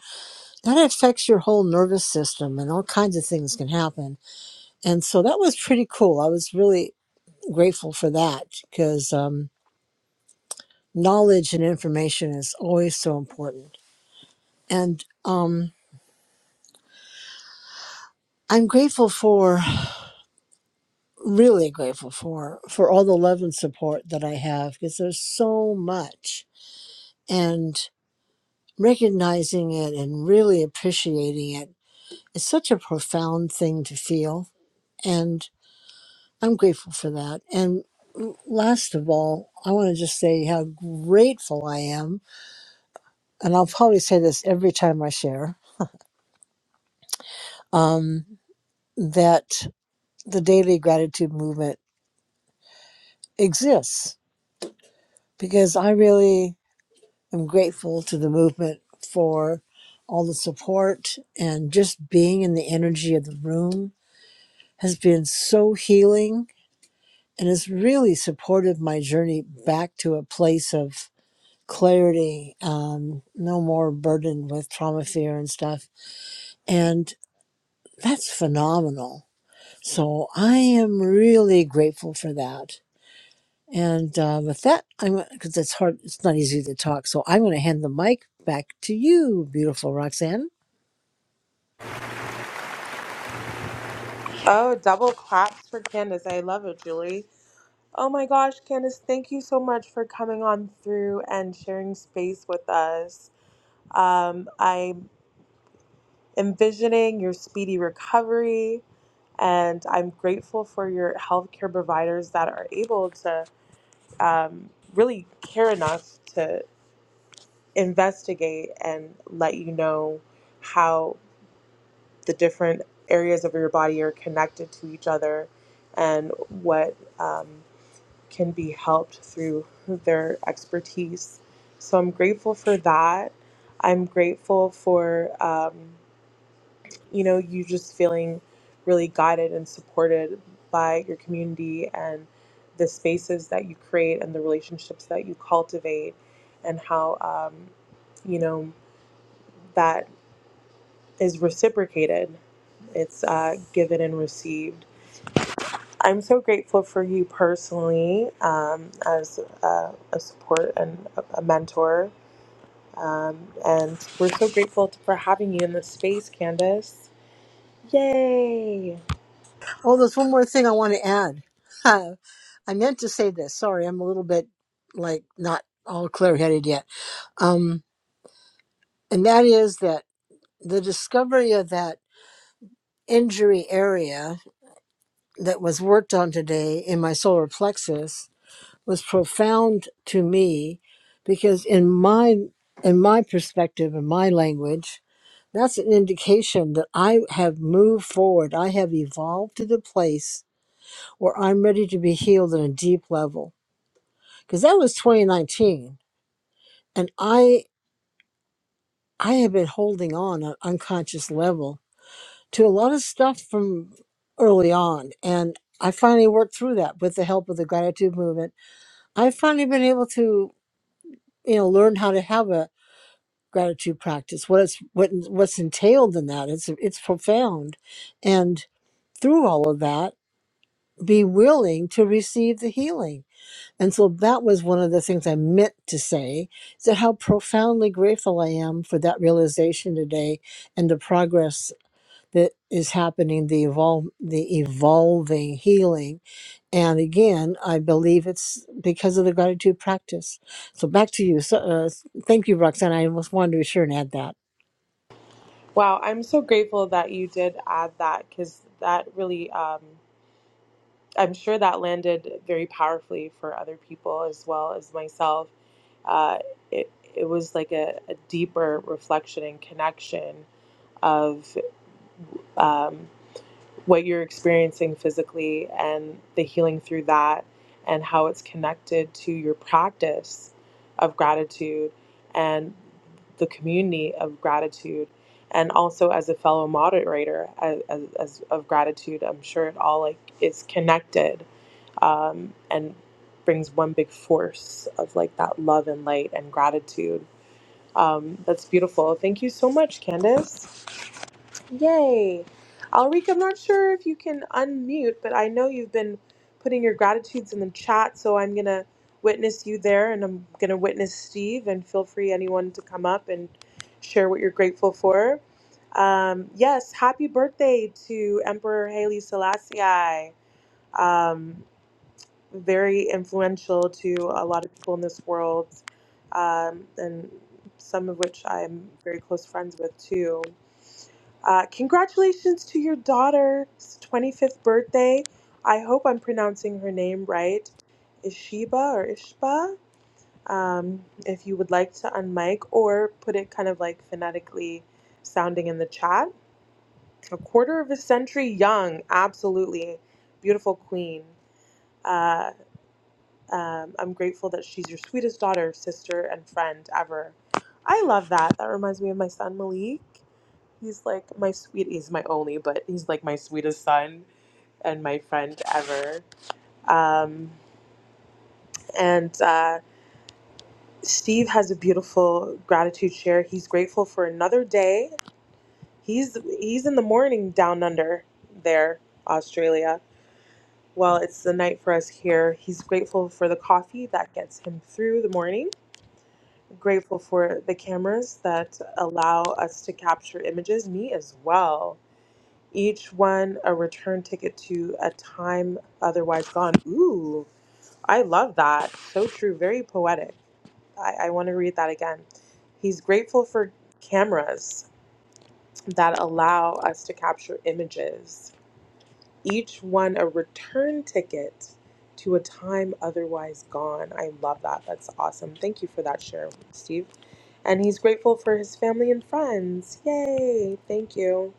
Speaker 8: that affects your whole nervous system and all kinds of things can happen and so that was pretty cool i was really grateful for that because um, knowledge and information is always so important and um, i'm grateful for really grateful for for all the love and support that I have because there's so much and recognizing it and really appreciating it is such a profound thing to feel and I'm grateful for that and last of all I want to just say how grateful I am and I'll probably say this every time I share um, that the daily gratitude movement exists because I really I'm grateful to the movement for all the support and just being in the energy of the room has been so healing and has really supported my journey back to a place of clarity, um, no more burdened with trauma, fear, and stuff. And that's phenomenal. So I am really grateful for that. And uh, with that, I'm because it's hard, it's not easy to talk. So I'm going to hand the mic back to you, beautiful Roxanne.
Speaker 1: Oh, double claps for Candace. I love it, Julie. Oh my gosh, Candace, thank you so much for coming on through and sharing space with us. Um, I envisioning your speedy recovery. And I'm grateful for your healthcare providers that are able to um, really care enough to investigate and let you know how the different areas of your body are connected to each other and what um, can be helped through their expertise. So I'm grateful for that. I'm grateful for. Um, you know, you just feeling really guided and supported by your community and the spaces that you create and the relationships that you cultivate and how, um, you know, that is reciprocated. It's uh, given and received. I'm so grateful for you personally um, as a, a support and a, a mentor. Um, and we're so grateful for having you in this space, Candace. Yay!
Speaker 8: Oh, there's one more thing I want to add. I meant to say this. Sorry, I'm a little bit like not all clear headed yet. Um, and that is that the discovery of that injury area that was worked on today in my solar plexus was profound to me because in my in my perspective in my language that's an indication that I have moved forward. I have evolved to the place where I'm ready to be healed on a deep level because that was 2019 and i i have been holding on on unconscious level to a lot of stuff from early on and i finally worked through that with the help of the gratitude movement i've finally been able to you know learn how to have a gratitude practice what it's what what's entailed in that it's it's profound and through all of that be willing to receive the healing And so that was one of the things I meant to say is that how profoundly grateful I am for that realization today and the progress that is happening, the evolve, the evolving healing. And again, I believe it's because of the gratitude practice. So back to you. So, uh, thank you, Roxanne. I almost wanted to be sure and add that.
Speaker 1: Wow, I'm so grateful that you did add that because that really, um, I'm sure that landed very powerfully for other people as well as myself. Uh, it, it was like a, a deeper reflection and connection of. um, what you're experiencing physically and the healing through that and how it's connected to your practice of gratitude and the community of gratitude and also as a fellow moderator as, as, as of gratitude i'm sure it all like is connected um, and brings one big force of like that love and light and gratitude um, that's beautiful thank you so much candace Yay. Alrika, I'm not sure if you can unmute, but I know you've been putting your gratitudes in the chat, so I'm going to witness you there and I'm going to witness Steve and feel free anyone to come up and share what you're grateful for. Um, yes, happy birthday to Emperor Haile Selassie. Um, very influential to a lot of people in this world, um, and some of which I'm very close friends with too. Uh, congratulations to your daughter's 25th birthday. I hope I'm pronouncing her name right. Ishiba or Ishba. Um, if you would like to unmic or put it kind of like phonetically sounding in the chat. A quarter of a century young, absolutely. Beautiful queen. Uh, um, I'm grateful that she's your sweetest daughter, sister, and friend ever. I love that. That reminds me of my son Malik. He's like my sweet. He's my only, but he's like my sweetest son and my friend ever. Um, and uh, Steve has a beautiful gratitude share. He's grateful for another day. He's he's in the morning down under there, Australia. Well, it's the night for us here. He's grateful for the coffee that gets him through the morning. grateful for the cameras that allow us to capture images, me as well. Each one a return ticket to a time otherwise gone. Ooh, I love that. So true. Very poetic. I, I want to read that again. He's grateful for cameras that allow us to capture images each one a return ticket to a time otherwise gone. I love that. That's awesome. Thank you for that share, Steve. And he's grateful for his family and friends. Yay! Thank you.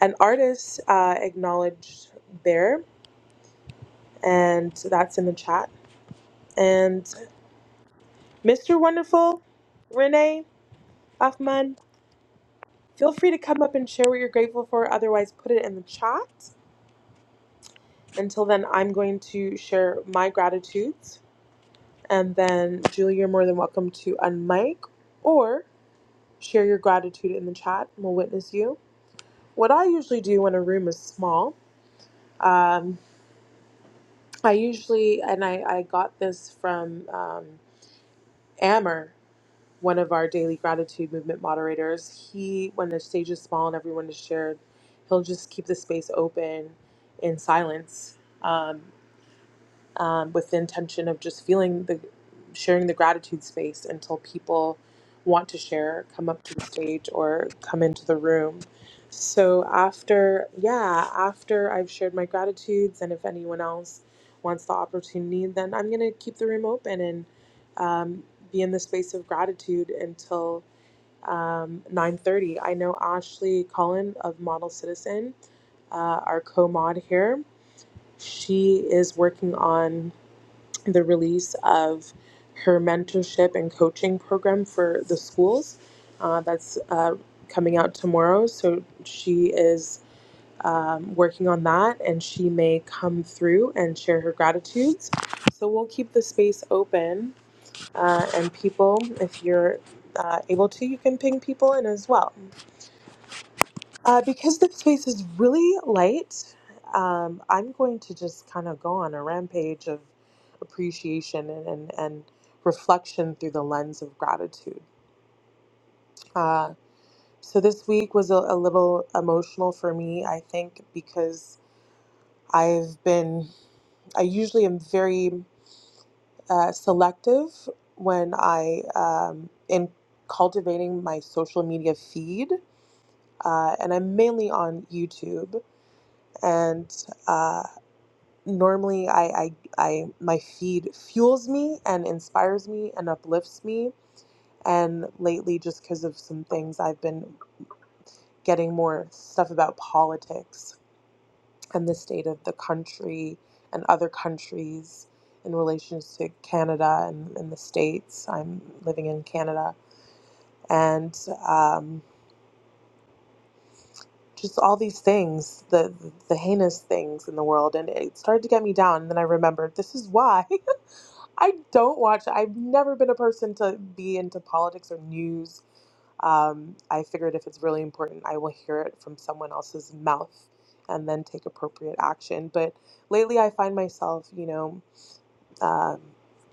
Speaker 1: An artist uh, acknowledged there, and that's in the chat. And Mr. Wonderful, Renee Buffman, feel free to come up and share what you're grateful for. Otherwise, put it in the chat. Until then, I'm going to share my gratitudes. And then, Julie, you're more than welcome to unmic or share your gratitude in the chat. and We'll witness you. What I usually do when a room is small, um, I usually, and I, I got this from um, Ammer, one of our daily gratitude movement moderators. He, when the stage is small and everyone is shared, he'll just keep the space open in silence. Um, um, with the intention of just feeling the sharing the gratitude space until people want to share, come up to the stage, or come into the room. So after, yeah, after I've shared my gratitudes, and if anyone else wants the opportunity, then I'm gonna keep the room open and um, be in the space of gratitude until um, 9:30. I know Ashley Cullen of Model Citizen, uh, our co-mod here, she is working on the release of her mentorship and coaching program for the schools. Uh, that's uh, coming out tomorrow. So she is um, working on that and she may come through and share her gratitudes. So we'll keep the space open. Uh, and people, if you're uh, able to, you can ping people in as well. Uh, because the space is really light, um, I'm going to just kind of go on a rampage of appreciation and, and, and reflection through the lens of gratitude. Uh, so this week was a, a little emotional for me, I think, because I've been, I usually am very uh, selective when I um, in cultivating my social media feed, uh, and I'm mainly on YouTube and. uh, normally I, I I my feed fuels me and inspires me and uplifts me and lately just because of some things I've been getting more stuff about politics and the state of the country and other countries in relation to Canada and, and the states I'm living in Canada and um, just all these things the the heinous things in the world and it started to get me down and then I remembered this is why I don't watch. I've never been a person to be into politics or news. Um, I figured if it's really important, I will hear it from someone else's mouth and then take appropriate action. But lately, I find myself, you know, um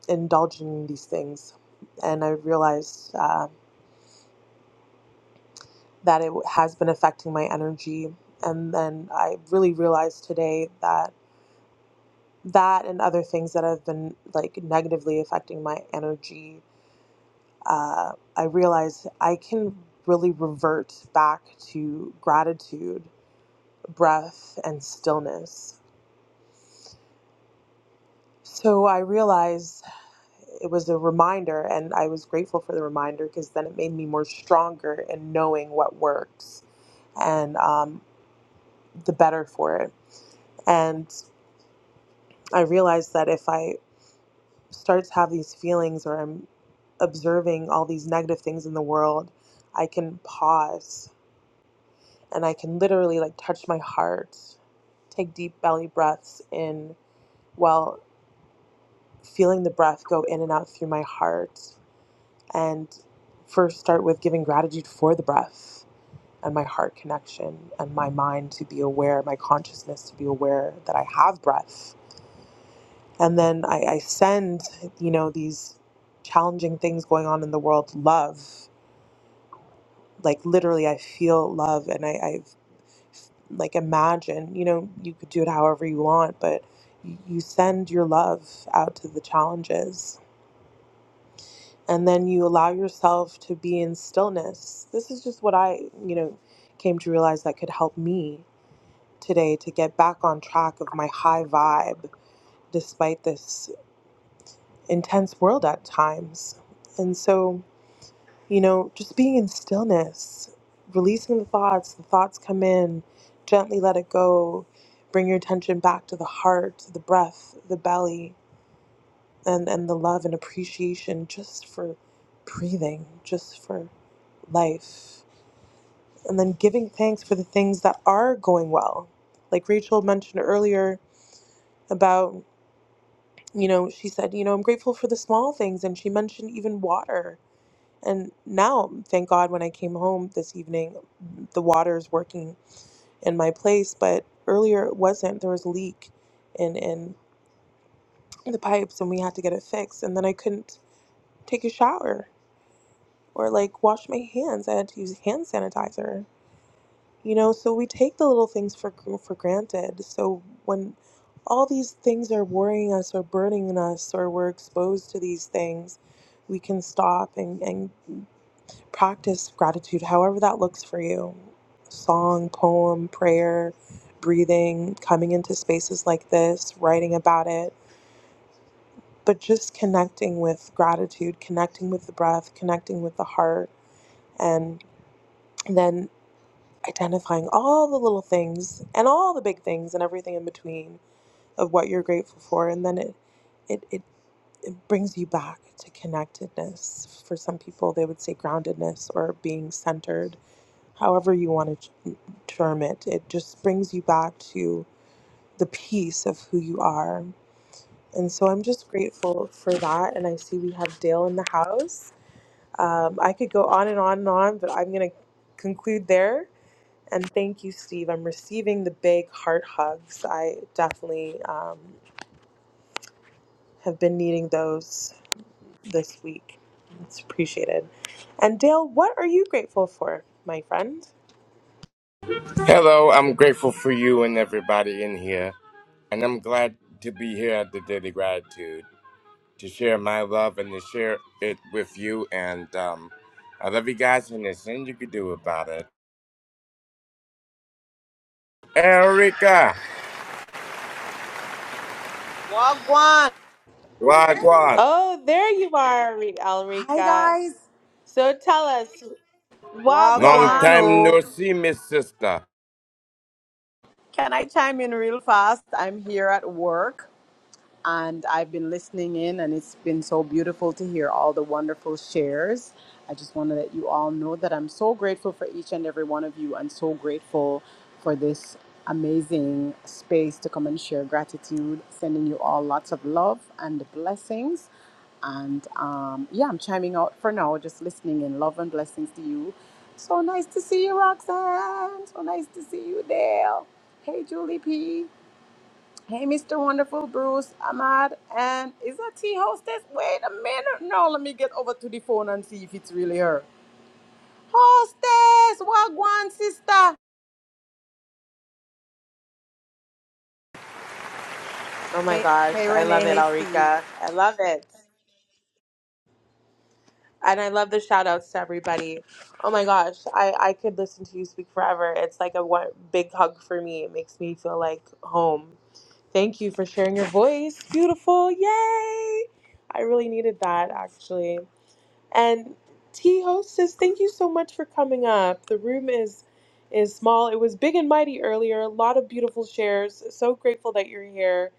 Speaker 1: indulging in these things. And I realized uh, that it has been affecting my energy. And then I really realized today that that and other things that have been like negatively affecting my energy uh, I realized I can really revert back to gratitude, breath, and stillness. So I realized it was a reminder, and I was grateful for the reminder because then it made me more stronger in knowing what works and um, the better for it. And I realized that if I start to have these feelings or I'm observing all these negative things in the world, I can pause and I can literally like touch my heart, take deep belly breaths in while feeling the breath go in and out through my heart. And first start with giving gratitude for the breath and my heart connection and my mind to be aware, my consciousness to be aware that I have breath. And then I, I send, you know, these challenging things going on in the world love. Like literally, I feel love and I, I like imagine you know you could do it however you want but y- you send your love out to the challenges and then you allow yourself to be in stillness this is just what i you know came to realize that could help me today to get back on track of my high vibe despite this intense world at times and so you know, just being in stillness, releasing the thoughts. The thoughts come in, gently let it go. Bring your attention back to the heart, the breath, the belly, and, and the love and appreciation just for breathing, just for life. And then giving thanks for the things that are going well. Like Rachel mentioned earlier about, you know, she said, you know, I'm grateful for the small things. And she mentioned even water And now, thank God, when I came home this evening, the water is working in my place. But earlier it wasn't. There was a leak in, in the pipes, and we had to get it fixed. And then I couldn't take a shower or like wash my hands. I had to use hand sanitizer. You know, so we take the little things for for granted. So when all these things are worrying us or burdening us, or we're exposed to these things, we can stop and, and practice gratitude, however that looks for you song, poem, prayer, breathing, coming into spaces like this, writing about it, but just connecting with gratitude, connecting with the breath, connecting with the heart, and then identifying all the little things and all the big things and everything in between of what you're grateful for. And then it, it, it, it brings you back to connectedness. For some people, they would say groundedness or being centered however you want to torment. It just brings you back to the peace of who you are. And so I'm just grateful for that. And I see we have Dale in the house. Um, I could go on and on and on, but I'm going to conclude there. And thank you, Steve. I'm receiving the big heart hugs. I definitely um, have been needing those this week. It's appreciated. And Dale, what are you grateful for, my friend?
Speaker 9: Hello, I'm grateful for you and everybody in here, and I'm glad to be here at the Daily Gratitude to share my love and to share it with you. And um, I love you guys, and there's nothing you can do about it. Erica,
Speaker 10: Wagwan.
Speaker 9: Wagwan,
Speaker 1: Oh, there you are, Re-
Speaker 10: Hi
Speaker 1: Alrika.
Speaker 10: guys.
Speaker 1: So tell us,
Speaker 9: long
Speaker 10: Wagwan.
Speaker 1: Wagwan.
Speaker 9: time no
Speaker 10: Oh,
Speaker 9: see, Miss Sister.
Speaker 10: can I chime in real fast? I'm here at work. and I've been listening in, and it's been so beautiful to hear all the wonderful shares. I just want to let you all know that I'm so grateful for each and every one of you, and so grateful for this amazing space to come and share gratitude. Sending you all lots of love and blessings. And um, yeah, I'm chiming out for now, just listening in. Love and blessings to you. So nice to see you, Roxanne. So nice to see you, Dale. Hey, Julie P. Hey, Mr. Wonderful, Bruce, Ahmad, and is that tea hostess? Wait a minute. No, let me get over to the phone and see if it's really her. Hostess, Wagwan, sister.
Speaker 1: Oh my
Speaker 10: Hey,
Speaker 1: gosh.
Speaker 10: hey,
Speaker 1: I love
Speaker 10: Renee.
Speaker 1: it,
Speaker 10: Hey, Steve.
Speaker 1: Alrika. I love it. And I love the shout outs to everybody. Oh my gosh. I, I could listen to you speak forever. It's like a one, big hug for me. It makes me feel like home. Thank you for sharing your voice. Beautiful. Yay. I really needed that actually. And T hostess, thank you so much for coming up. The room is is small. It was big and mighty earlier. A lot of beautiful shares. So grateful that you're here.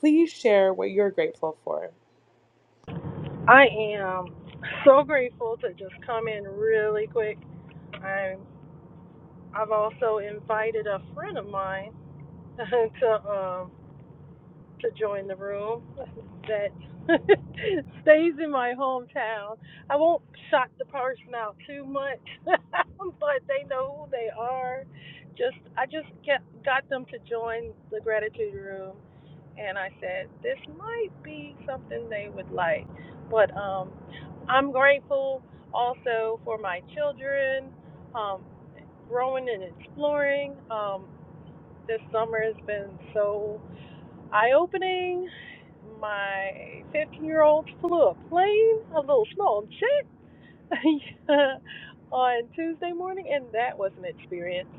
Speaker 1: Please share what you're grateful for.
Speaker 11: I am so grateful to just come in really quick. I'm I've also invited a friend of mine to um to join the room that stays in my hometown. I won't shock the person out too much, but they know who they are. Just I just get, got them to join the gratitude room, and I said this might be something they would like. But um, I'm grateful also for my children, um, growing and exploring. Um, this summer has been so Eye opening. My 15 year old flew a plane, a little small jet, on Tuesday morning, and that was an experience.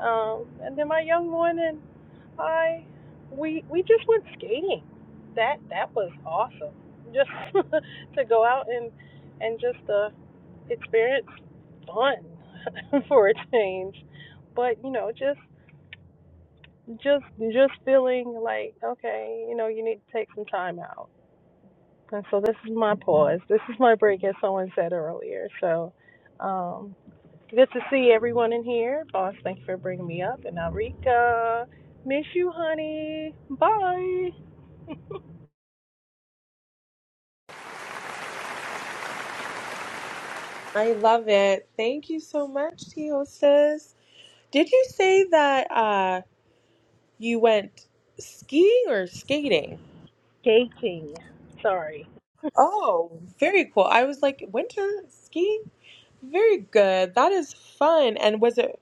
Speaker 11: Um, and then my young one and I, we we just went skating. That that was awesome. Just to go out and and just uh, experience fun for a change. But you know, just just just feeling like okay you know you need to take some time out and so this is my pause this is my break as someone said earlier so um good to see everyone in here boss thank you for bringing me up and Arika miss you honey bye
Speaker 1: I love it. Thank you so much, T hostess. Did you say that uh, you went skiing or skating?
Speaker 11: skating sorry
Speaker 1: Oh, very cool. I was like, winter skiing? Very good. That is fun. And was it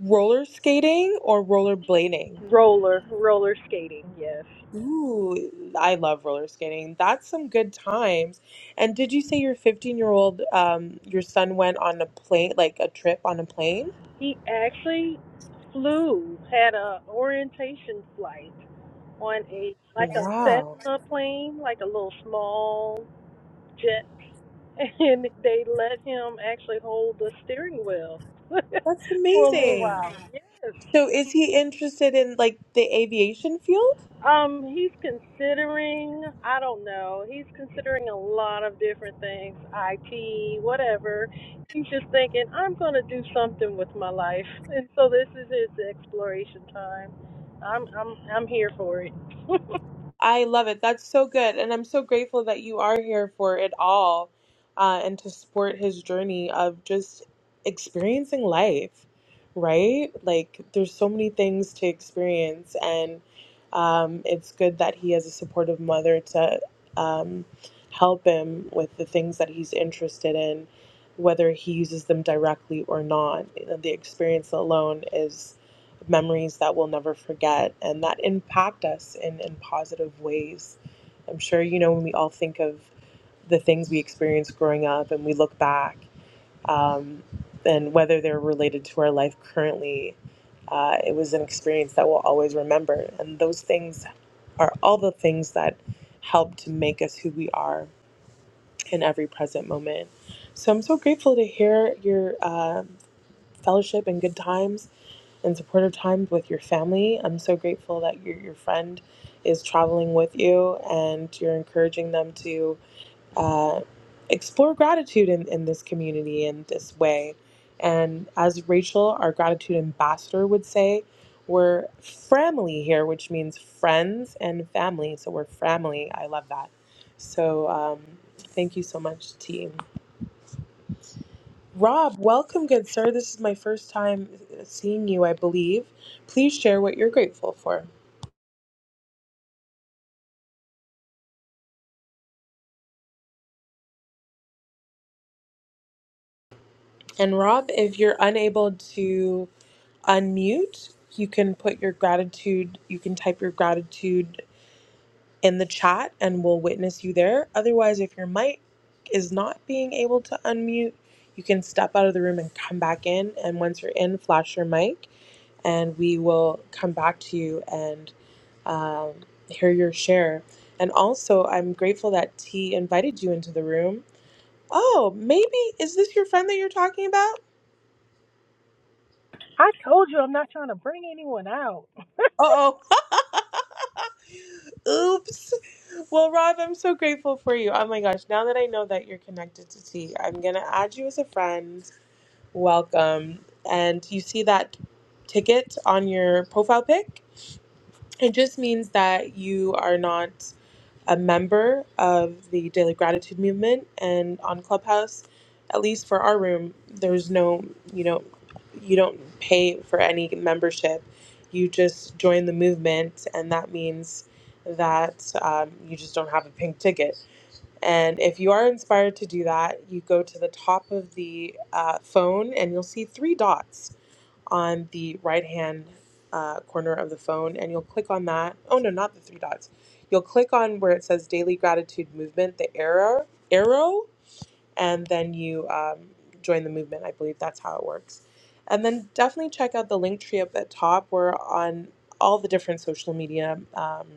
Speaker 1: roller skating or roller blading?
Speaker 11: roller roller skating yes
Speaker 1: Ooh, I love roller skating. That's some good times. And did you say your 15 year old, um, your son went on a plane, like a trip on a plane?
Speaker 11: he actually flew had a orientation flight on a like a
Speaker 1: Wow,
Speaker 11: Cessna plane like a little small Jet, and they let him actually hold the steering wheel
Speaker 1: that's
Speaker 11: for a little
Speaker 1: amazing.
Speaker 11: while. Yes.
Speaker 1: So is he interested in like the aviation field?
Speaker 11: Um, he's considering, I don't know, he's considering a lot of different things, IT, whatever. He's just thinking, I'm going to do something with my life. And so this is his exploration time. I'm I'm I'm here for it.
Speaker 1: I love it. That's so good. And I'm so grateful that you are here for it all uh, and to support his journey of just experiencing life, right? Like, there's so many things to experience. And um, it's good that he has a supportive mother to um, help him with the things that he's interested in, whether he uses them directly or not. You know, The experience alone is memories that we'll never forget and that impact us in, in positive ways. I'm sure, you know, when we all think of the things we experienced growing up and we look back um, and whether they're related to our life currently, uh, it was an experience that we'll always remember. And those things are all the things that help to make us who we are in every present moment. So I'm so grateful to hear your uh, fellowship and good times and supportive time with your family. I'm so grateful that your, your friend is traveling with you and you're encouraging them to uh, explore gratitude in, in this community in this way. And as Rachel, our gratitude ambassador, would say, we're family here, which means friends and family. So we're family. I love that. So um, thank you so much, T. Rob, welcome, good sir. This is my first time seeing you, I believe. Please share what you're grateful for. And Rob, if you're unable to unmute, you can put your gratitude, you can type your gratitude in the chat and we'll witness you there. Otherwise, if your mic is not being able to unmute, you can step out of the room and come back in. And once you're in, flash your mic and we will come back to you and. um, hear your share. And also, I'm grateful that T invited you into the room. Oh, maybe is this your friend that you're talking about?
Speaker 11: I told you I'm not trying to bring anyone out.
Speaker 1: Uh oh. Oops. Well, Rob, I'm so grateful for you. Oh my gosh, now that I know that you're connected to T, I'm going to add you as a friend. Welcome. And you see that ticket on your profile pic? It just means that you are not a member of the Daily Gratitude Movement and on Clubhouse, at least for our room, there's no, you know, you don't pay for any membership. You just join the movement, and that means that um, you just don't have a pink ticket. And if you are inspired to do that, you go to the top of the uh, phone and you'll see three dots on the right hand uh, corner of the phone and you'll click on that. Oh no, not the three dots. You'll click on where it says daily gratitude movement, the arrow, arrow, and then you um, join the movement. I believe that's how it works. And then definitely check out the link tree up at top. We're on all the different social media um,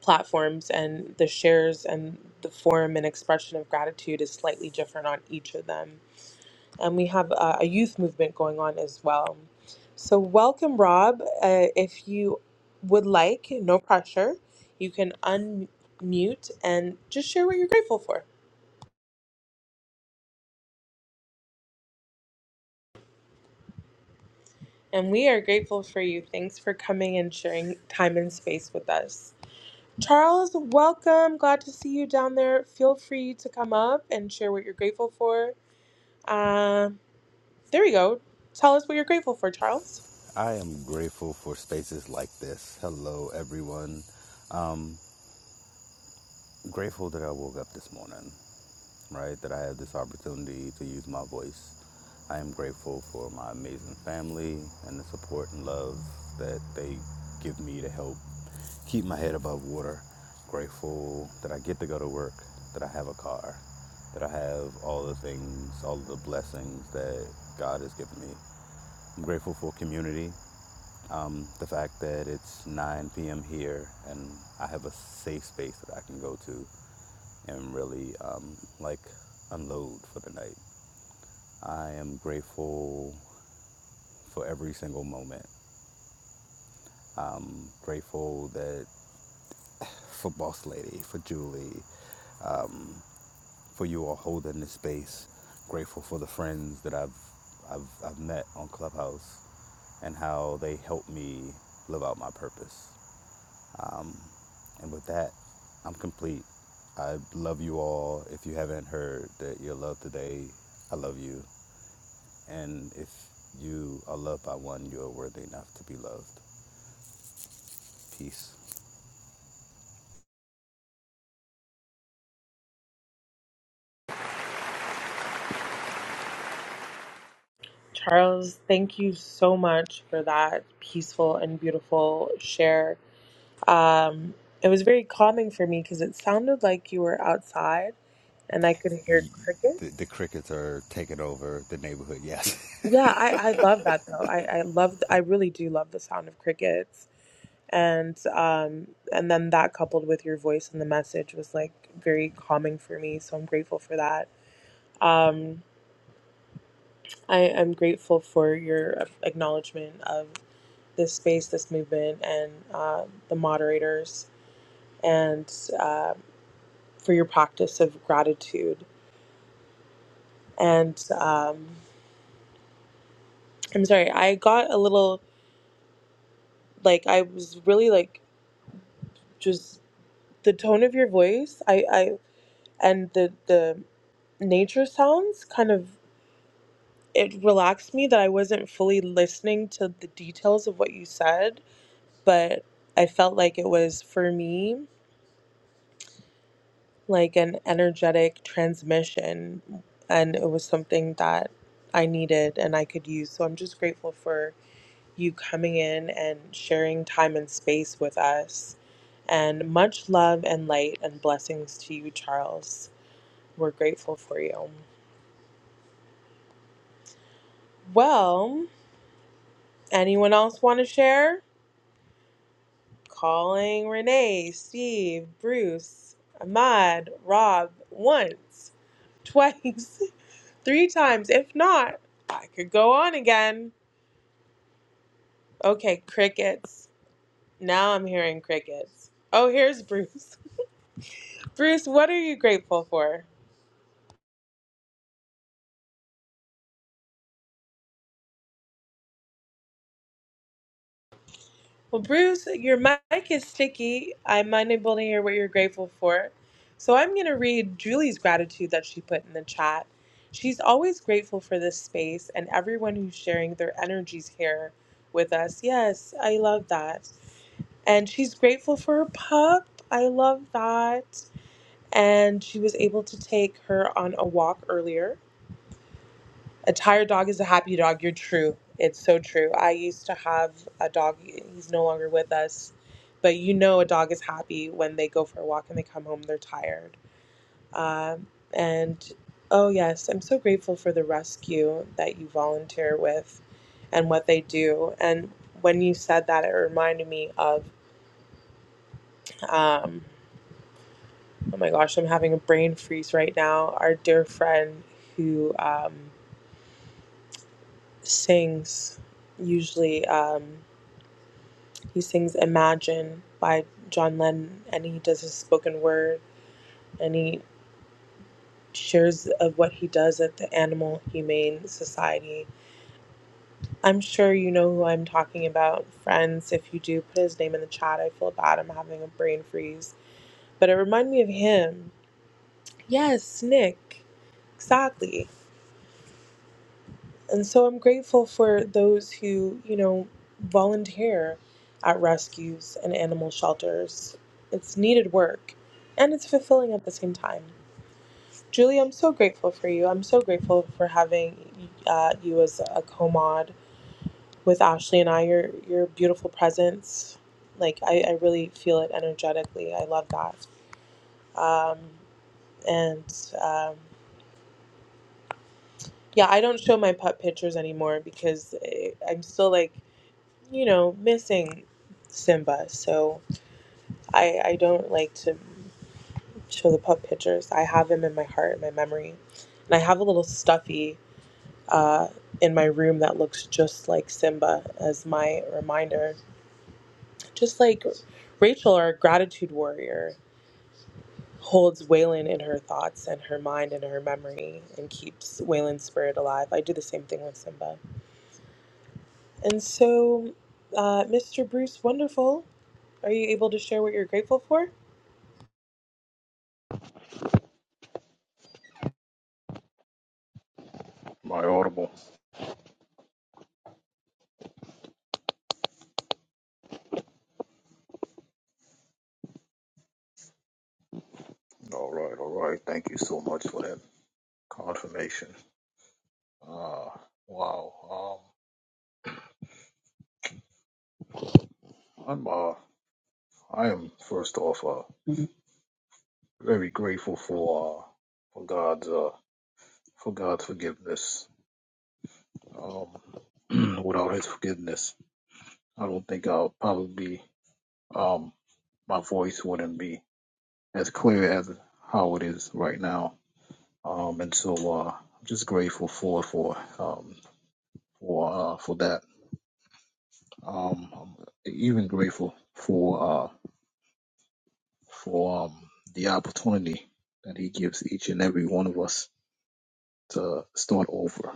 Speaker 1: platforms, and the shares and the form and expression of gratitude is slightly different on each of them and we have uh, a youth movement going on as well. So, welcome, Rob. Uh, if you would like, no pressure, you can unmute and just share what you're grateful for. And we are grateful for you. Thanks for coming and sharing time and space with us. Charles, welcome. Glad to see you down there. Feel free to come up and share what you're grateful for. Uh, there we go. Tell us what you're grateful for, Charles.
Speaker 12: I am grateful for spaces like this. Hello, everyone. Um, grateful that I woke up this morning, right? That I had this opportunity to use my voice. I am grateful for my amazing family and the support and love that they give me to help keep my head above water. Grateful that I get to go to work, that I have a car, that I have all the things, all the blessings that God has given me. I'm grateful for community. Um, the fact that it's 9 p.m. here and I have a safe space that I can go to and really um, like unload for the night. I am grateful for every single moment. I'm grateful that for Boss Lady, for Julie, for you all holding this space. Grateful for the friends that I've I've, I've met on Clubhouse and how they helped me live out my purpose. And with that, I'm complete. I love you all. If you haven't heard that you're loved today, I love you. And if you are loved by one, you are worthy enough to be loved. Peace.
Speaker 1: Charles, thank you so much for that peaceful and beautiful share. Um, it was very calming for me because it sounded like you were outside and I could hear crickets.
Speaker 12: The, the crickets are taking over the neighborhood. Yes.
Speaker 1: Yeah, I, I love that though. I, I love I really do love the sound of crickets. And um and then that coupled with your voice and the message was like very calming for me. So I'm grateful for that. Um I, I'm grateful for your acknowledgement of this space, this movement, and uh, the moderators, and uh, for your practice of gratitude. And um, I'm sorry, I got a little like I was really like just the tone of your voice. I I and the the nature sounds kind of it relaxed me that I wasn't fully listening to the details of what you said, but I felt like it was for me like an energetic transmission and it was something that I needed and I could use. So I'm just grateful for you coming in and sharing time and space with us. And much love and light and blessings to you, Charles. We're grateful for you. Well, anyone else want to share? Calling Renee, Steve, Bruce, Ahmad, Rob, once, twice. Three times. If not, I could go on again. Okay, crickets. Now I'm hearing crickets. Oh, here's Bruce. Bruce, what are you grateful for? Well, Bruce, your mic is sticky. I'm unable to hear what you're grateful for. So I'm going to read Julie's gratitude that she put in the chat. She's always grateful for this space and everyone who's sharing their energies here with us. Yes, I love that. And she's grateful for her pup. I love that. and she was able to take her on a walk earlier. A tired dog is a happy dog. You're true. It's so true. I used to have a dog. He's no longer with us, but you know a dog is happy when they go for a walk and they come home. They're tired. Um, and oh yes, I'm so grateful for the rescue that you volunteer with, and what they do. And when you said that, it reminded me of. Um, oh my gosh, I'm having a brain freeze right now. Our dear friend who. um, sings usually um, he sings imagine by john lennon and he does his spoken word and he shares of what he does at the animal humane society i'm sure you know who i'm talking about friends if you do put his name in the chat i feel bad i'm having a brain freeze but it reminded me of him yes nick exactly And so I'm grateful for those who, you know, volunteer at rescues and animal shelters. It's needed work and it's fulfilling at the same time. Julie, I'm so grateful for you. I'm so grateful for having uh, you as a co mod with Ashley and I. Your, your beautiful presence. Like, I, I really feel it energetically. I love that. Um, and um, yeah, I don't show my pup pictures anymore because eh, I'm still like, you know, missing Simba. So I, I don't like to show the pup pictures. I have him in my heart, in my memory. And I have a little stuffy uh, in my room that looks just like Simba as my reminder. Just like Rachel, our gratitude warrior, holds Waylon in her thoughts and her mind and her memory and keeps Waylon's spirit alive. I do the same thing with Simba. And so, uh, Mr. Bruce Wonderful, are you able to share what you're grateful for?
Speaker 13: My audible. All right, all right. Thank you so much for that confirmation. Uh wow. Um I'm uh I am first off uh very grateful for uh for God's uh for God's forgiveness. Um without his forgiveness, I don't think I'll probably um my voice wouldn't be as clear as how it is right now. Um and so uh I'm just grateful for for um for uh for that Um, I'm even grateful for uh, for um, the opportunity that he gives each and every one of us to start over.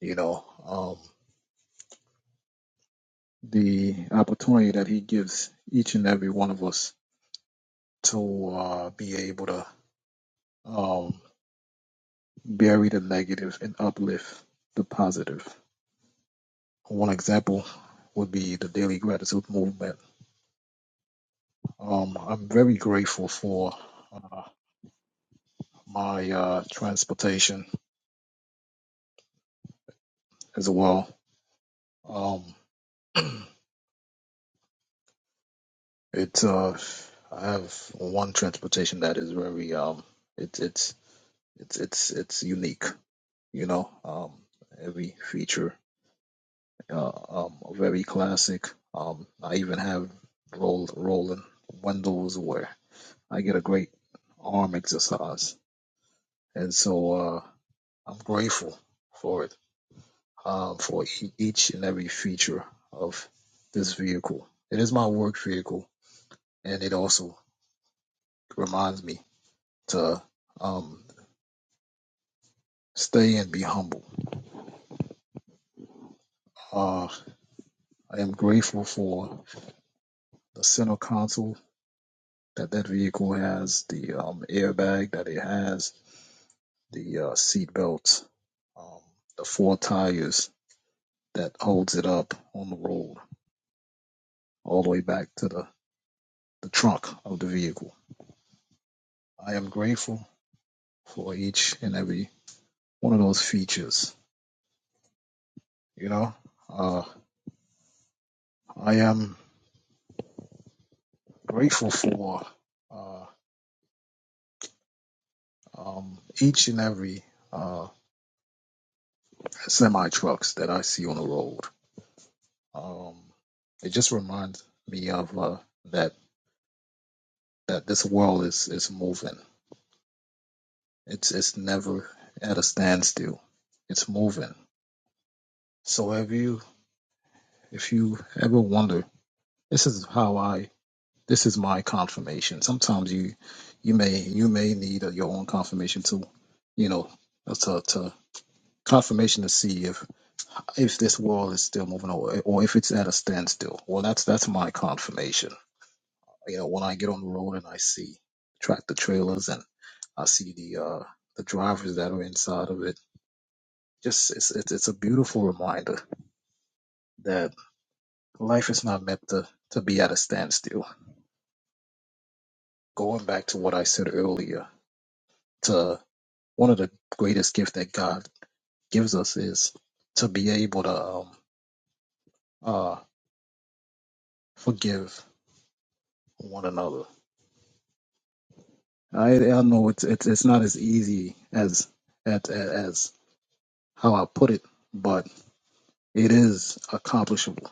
Speaker 13: You know, um, the opportunity that he gives each and every one of us to uh, be able to um, bury the negative and uplift the positive. One example would be the daily gratitude movement. Um, I'm very grateful for uh, my uh, transportation as well Um, it's uh, I have one transportation that is very um, it's it's it's it's it's unique, you know. Um, every feature, uh, um, very classic. Um, I even have roll rolling windows where I get a great arm exercise, and so uh, I'm grateful for it, um, for e- each and every feature of this vehicle. It is my work vehicle, and it also reminds me. to um, stay and be humble. Uh, I am grateful for the center console that that vehicle has, the um, airbag that it has, the uh, seat belts, um, the four tires that holds it up on the road all the way back to the, the trunk of the vehicle. I am grateful for each and every one of those features. You know, uh, I am grateful for uh, um, each and every uh, semi trucks that I see on the road. Um, it just reminds me of uh, that that this world is is moving. It's it's never at a standstill. It's moving. So have you if you ever wonder, this is how I this is my confirmation. Sometimes you you may you may need uh your own confirmation to you know uh, to to confirmation to see if if this world is still moving or or if it's at a standstill. Well, that's that's my confirmation you know, when I get on the road and I see tractor trailers and I see the uh the drivers that are inside of it, just it's it's, it's a beautiful reminder that life is not meant to to be at a standstill. Going back to what I said earlier, to one of the greatest gifts that God gives us is to be able to um uh forgive one another. I I know it's it's it's not as easy as as as how I put it, but it is accomplishable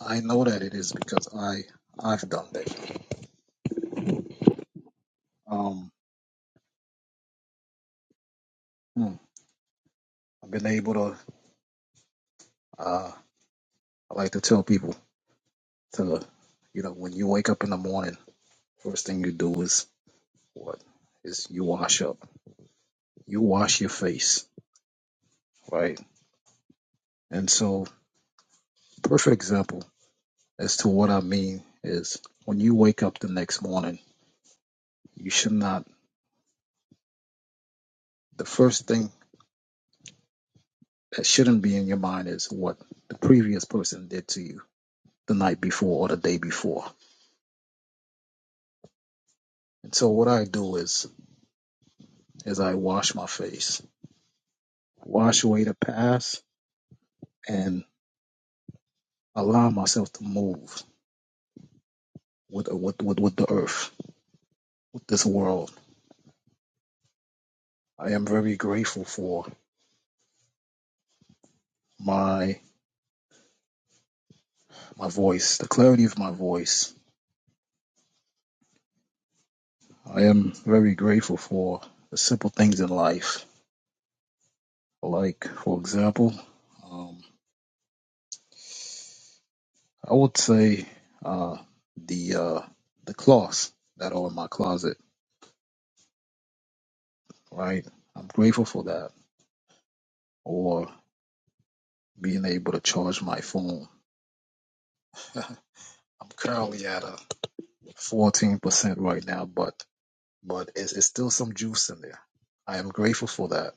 Speaker 13: I know that it is because I I've done that. Um, hmm, I've been able to. Uh, I like to tell people to, you know, when you wake up in the morning, first thing you do is what is you wash up. You wash your face, right? And so, perfect example as to what I mean is when you wake up the next morning, you should not. The first thing that shouldn't be in your mind is what the previous person did to you the night before or the day before. And so, what I do is as I wash my face, wash away the past, and allow myself to move with with with, with the earth, with this world. I am very grateful for my my voice, the clarity of my voice. I am very grateful for the simple things in life, like for example, um, I would say uh, the uh, the cloths that are in my closet. Right, I'm grateful for that, or being able to charge my phone. I'm currently at a 14% right now, but but it's, it's still some juice in there. I am grateful for that,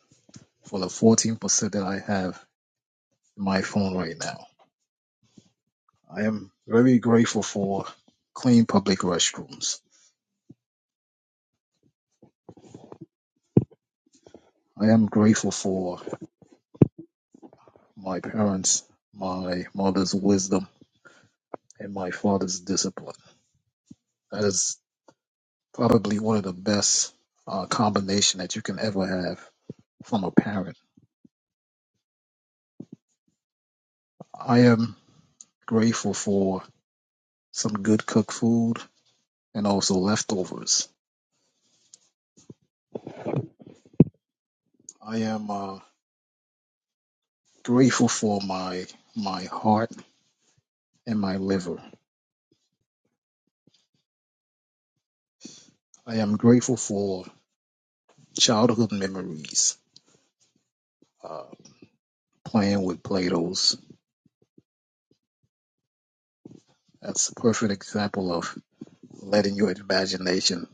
Speaker 13: for the 14% that I have in my phone right now. I am very grateful for clean public restrooms. I am grateful for my parents, my mother's wisdom, and my father's discipline. That is probably one of the best uh, combination that you can ever have from a parent. I am grateful for some good cooked food. and also leftovers. I am uh, grateful for my my heart and my liver. I am grateful for childhood memories. Uh, playing with Play-Dohs. That's a perfect example of letting your imagination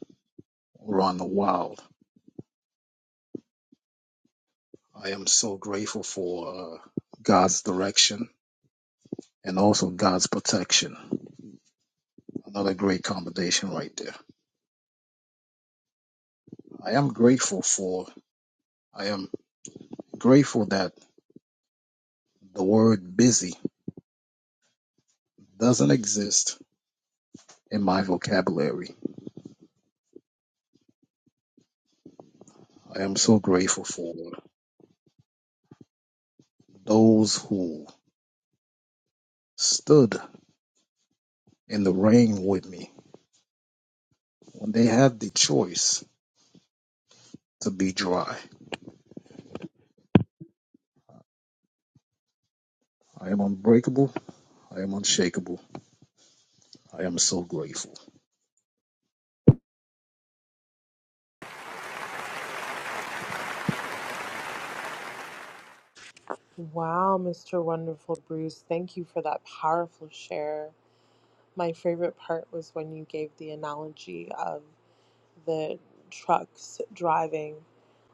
Speaker 13: run wild. I am so grateful for uh, God's direction and also God's protection. Another great combination right there. I am grateful for. I am grateful that the word busy doesn't exist in my vocabulary. I am so grateful for those who stood in the rain with me when they had the choice to be dry. I am unbreakable. I am unshakable. I am so grateful.
Speaker 1: Wow, Mr. Wonderful Bruce, thank you for that powerful share. My favorite part was when you gave the analogy of the trucks driving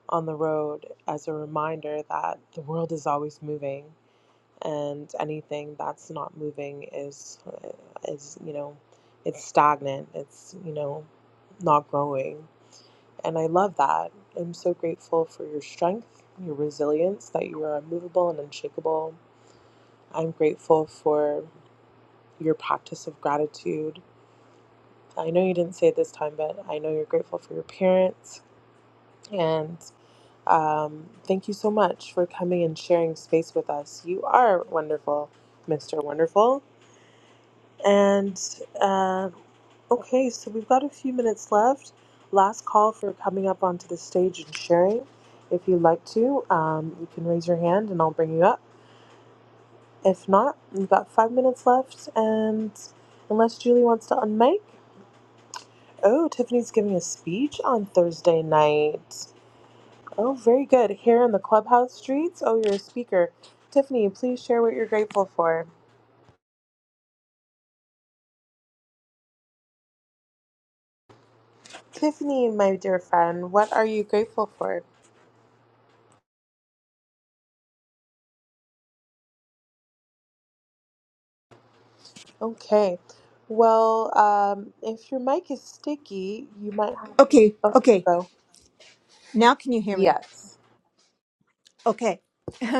Speaker 1: on the road as a reminder that the world is always moving and anything that's not moving is is, you know, it's stagnant. It's, you know, not growing. And I love that. I'm so grateful for your strength, your resilience, that you are unmovable and unshakable I'm grateful for your practice of gratitude. I know you didn't say it this time, but I know you're grateful for your parents. And um, thank you so much for coming and sharing space with us. You are wonderful, Mr. Wonderful. And uh, okay, so we've got a few minutes left. Last call for coming up onto the stage and sharing. If you'd like to, um, you can raise your hand and I'll bring you up. If not, we've got five minutes left, and unless Julie wants to unmic, oh, Tiffany's giving a speech on Thursday night. Oh, very good. Here in the clubhouse streets. Oh, you're a speaker. Tiffany, please share what you're grateful for. Tiffany, my dear friend, what are you grateful for? Okay. Well, um, if your mic is sticky, you might have.
Speaker 14: Okay,
Speaker 1: Oh, there
Speaker 14: okay.
Speaker 1: go.
Speaker 14: Now can you hear me?
Speaker 1: Yes.
Speaker 14: Okay.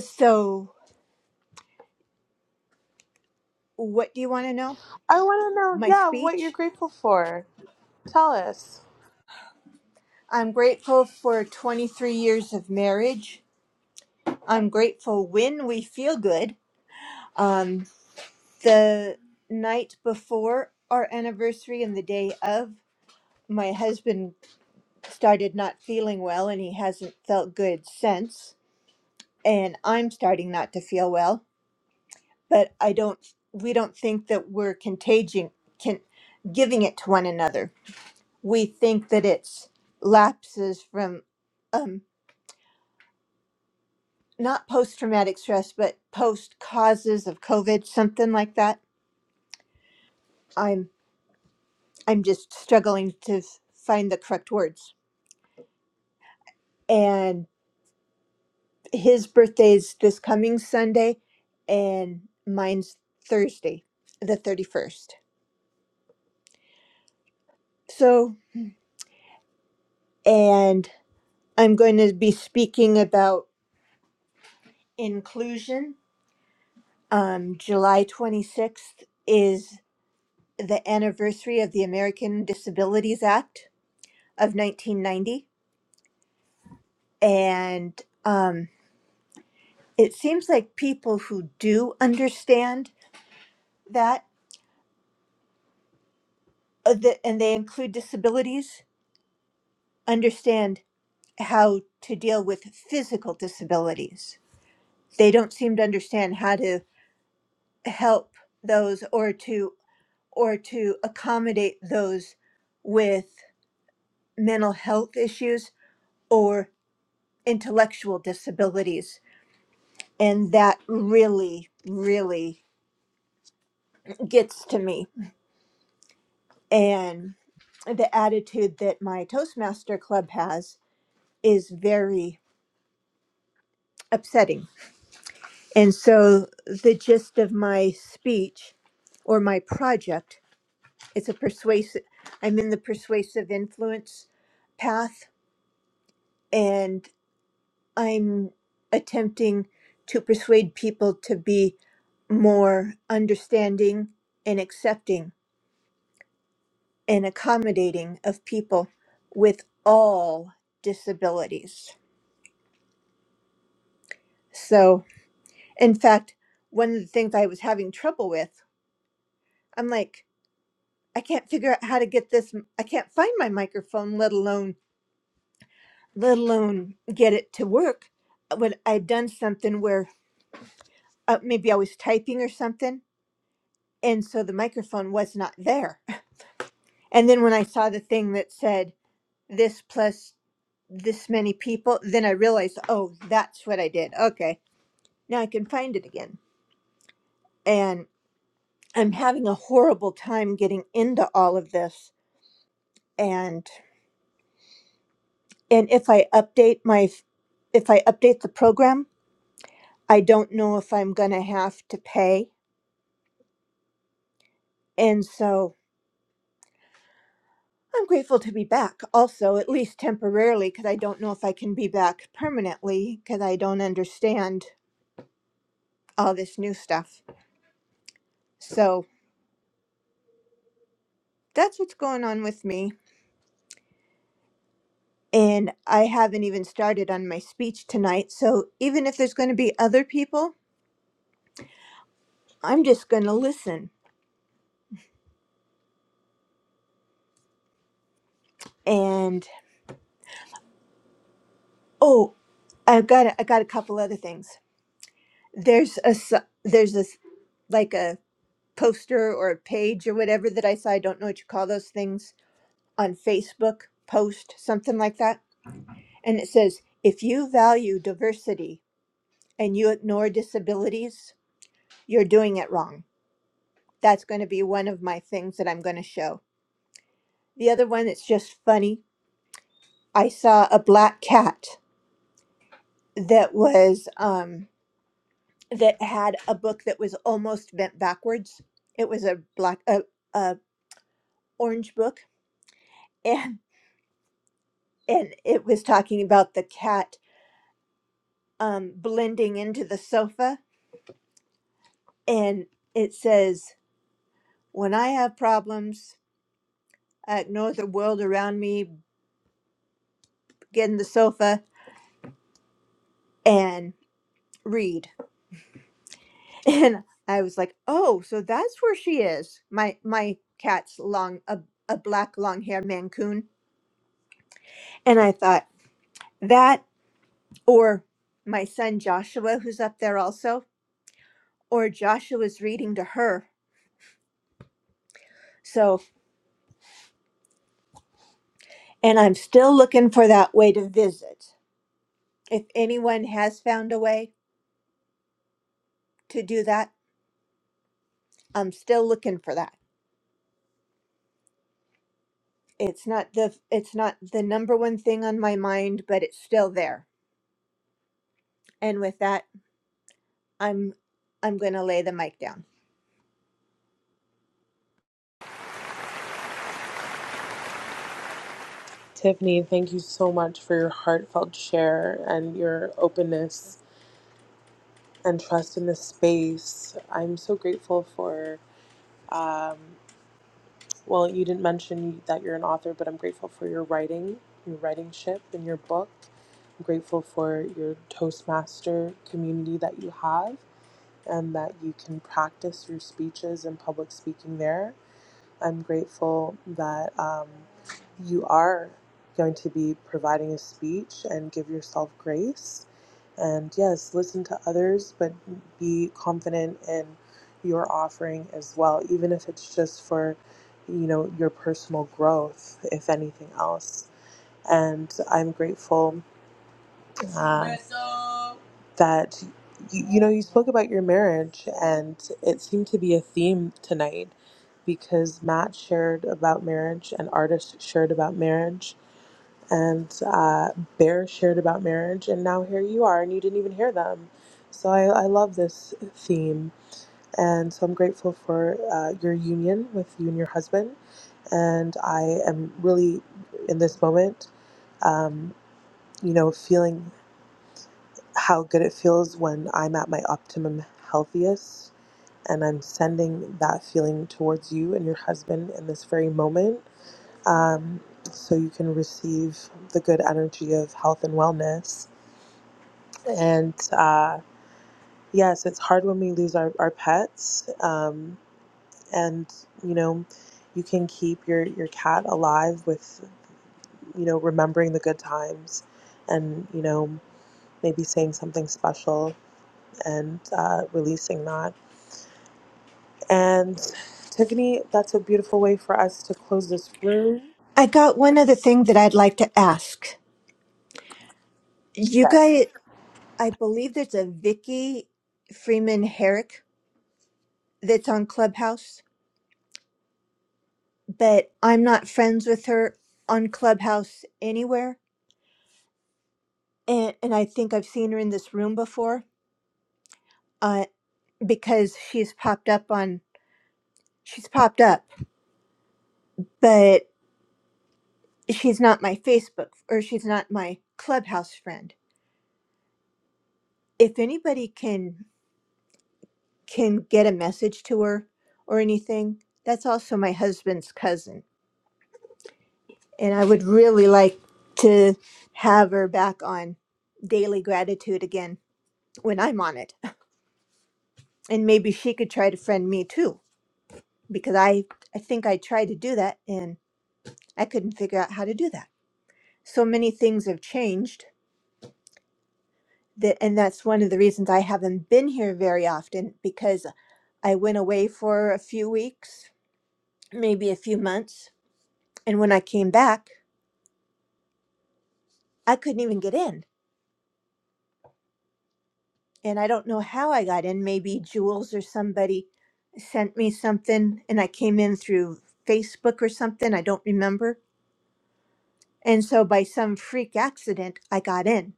Speaker 14: so, what do you want to know?
Speaker 1: I want to know,
Speaker 14: My
Speaker 1: yeah, what you're
Speaker 14: speech?
Speaker 1: grateful for. Tell us.
Speaker 14: I'm grateful for 23 years of marriage. I'm grateful when we feel good. Um, the night before our anniversary and the day of, my husband started not feeling well and he hasn't felt good since. And I'm starting not to feel well. but I don't we don't think that we're contaging can giving it to one another. We think that it's lapses from um not post traumatic stress but post causes of COVID, something like that. I'm I'm just struggling to f- find the correct words. And his birthday's this coming Sunday and mine's Thursday, the 31st. So, and I'm going to be speaking about inclusion. Um, July 26th is the anniversary of the American Disabilities Act of 1990. And um, it seems like people who do understand that, uh, the, and they include disabilities, understand how to deal with physical disabilities. They don't seem to understand how to help those or to or to accommodate those with mental health issues or intellectual disabilities. And that really, really gets to me. And the attitude that my Toastmaster Club has is very upsetting. And so the gist of my speech or my project is a persuasive, I'm in the persuasive influence path. and. I'm attempting to persuade people to be more understanding and accepting and accommodating of people with all disabilities. So, in fact, one of the things I was having trouble with, I'm like, I can't figure out how to get this. I can't find my microphone, let alone let alone get it to work. When I'd done something where uh, maybe I was typing or something, and so the microphone was not there And then when I saw the thing that said this plus this many people, then I realized, oh, that's what I did. Okay, now I can find it again. And I'm having a horrible time getting into all of this. And and if I update my if I update the program, I don't know if I'm gonna have to pay. And so I'm grateful to be back also, at least temporarily, because I don't know if I can be back permanently because I don't understand all this new stuff. So. that's what's going on with me. And I haven't even started on my speech tonight. So even if there's going to be other people, I'm just going to listen. And oh, I've got a, I got a couple other things. There's a s- there's a s- like a poster or a page or whatever that I saw. I don't know what you call those things on Facebook post something like that. And it says if you value diversity and you ignore disabilities, you're doing it wrong That's going to be one of my things that I'm going to show. The other one that's just funny. I saw a black cat that was um that had a book that was almost bent backwards. It was a black a, a orange book and and it was talking about the cat um blending into the sofa and it says when I have problems, I ignore the world around me, get in the sofa and read and I was like, "Oh, so that's where she is." My my cat's long a, a black long-haired mancoon, and I thought that or my son Joshua who's up there also, or Joshua's reading to her. So, and I'm still looking for that way to visit. If anyone has found a way to do that, I'm still looking for that. It's not the it's not the number one thing on my mind, but it's still there. And with that, I'm I'm going to lay the mic down.
Speaker 1: Tiffany, thank you so much for your heartfelt share and your openness and trust in this space. I'm so grateful for, um, well, you didn't mention that you're an author, but I'm grateful for your writing, your writing ship, and your book. I'm grateful for your Toastmaster community that you have and that you can practice your speeches and public speaking there. I'm grateful that um, you are going to be providing a speech and give yourself grace. And yes, listen to others, but be confident in your offering as well, even if it's just for, you know, your personal growth, if anything else. And I'm grateful um, that you, you know you spoke about your marriage and it seemed to be a theme tonight because matt shared about marriage and artist shared about marriage and uh, bear shared about marriage and now here you are and you didn't even hear them so i, I love this theme and so i'm grateful for uh, your union with you and your husband and i am really in this moment um, you know feeling how good it feels when I'm at my optimum healthiest. And I'm sending that feeling towards you and your husband in this very moment um, so you can receive the good energy of health and wellness. And uh, yes, it's hard when we lose our, our pets. Um, and, you know, you can keep your, your cat alive with, you know, remembering the good times and, you know, maybe saying something special and uh, releasing that And Tiffany, that's a beautiful way for us to close this room.
Speaker 14: I got one other thing that I'd like to ask. You
Speaker 1: Yes.
Speaker 14: guys, I believe there's a Vicky Freeman Herrick that's on Clubhouse, but I'm not friends with her on Clubhouse anywhere. And, and I think I've seen her in this room before uh, because she's popped up on she's popped up, but she's not my Facebook or she's not my Clubhouse friend. If anybody can can get a message to her or anything, that's also my husband's cousin, and I would really like to have her back on Daily Gratitude again when I'm on it, and maybe she could try to friend me too because I I think I tried to do that and I couldn't figure out how to do that. So many things have changed that and that's one of the reasons I haven't been here very often because I went away for a few weeks, maybe a few months, and when I came back, I couldn't even get in. And I don't know how I got in. Maybe Jules or somebody sent me something and I came in through Facebook or something, I don't remember. And so by some freak accident, I got in.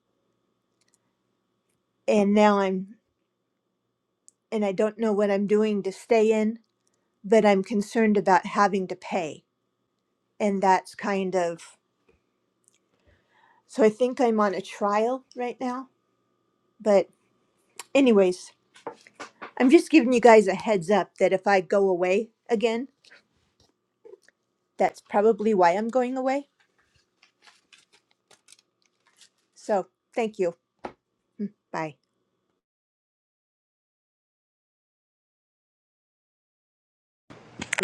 Speaker 14: And now I'm and I don't know what I'm doing to stay in, but I'm concerned about having to pay and that's kind of So I think I'm on a trial right now. But, anyways, I'm just giving you guys a heads up that if I go away again, that's probably why I'm going away. So, thank you. Bye.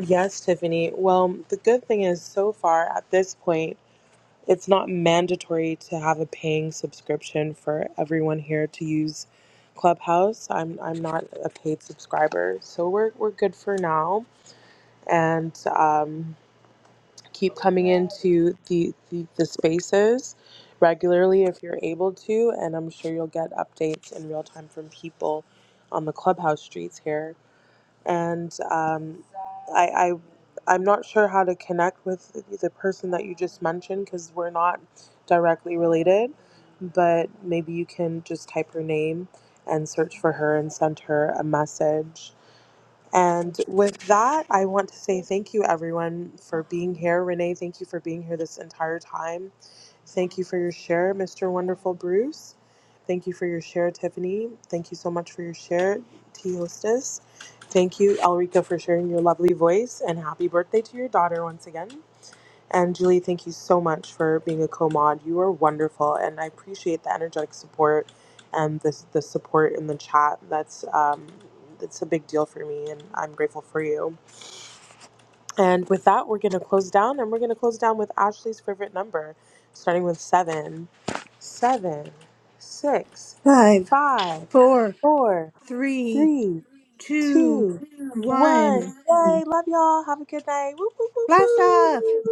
Speaker 1: Yes, Tiffany. Well, the good thing is, so far at this point, it's not mandatory to have a paying subscription for everyone here to use Clubhouse. I'm I'm not a paid subscriber, so we're we're good for now. And um, keep coming into the, the the spaces regularly if you're able to and i'm sure you'll get updates in real time from people on the clubhouse streets here and um, I, I i'm not sure how to connect with the person that you just mentioned because we're not directly related but maybe you can just type her name and search for her and send her a message and with that, I want to say thank you, everyone, for being here. Renee, thank you for being here this entire time. Thank you for your share, Mr. Wonderful Bruce. Thank you for your share, Tiffany. Thank you so much for your share, Tea Hostess. Thank you, Elrica, for sharing your lovely voice. And happy birthday to your daughter once again. And Julie, thank you so much for being a co-mod. You are wonderful, and I appreciate the energetic support and the the support in the chat. That's um, it's a big deal for me, and I'm grateful for you. And with that, we're gonna close down, and we're gonna close down with Ashley's favorite number, starting with seven, seven, six,
Speaker 14: Five,
Speaker 1: five,
Speaker 14: four,
Speaker 1: four,
Speaker 14: three,
Speaker 1: three,
Speaker 14: two,
Speaker 1: two, one.
Speaker 14: one.
Speaker 1: Yay! Love y'all. Have a good night. Woo, woo, woo,
Speaker 14: Blast off!
Speaker 1: woo.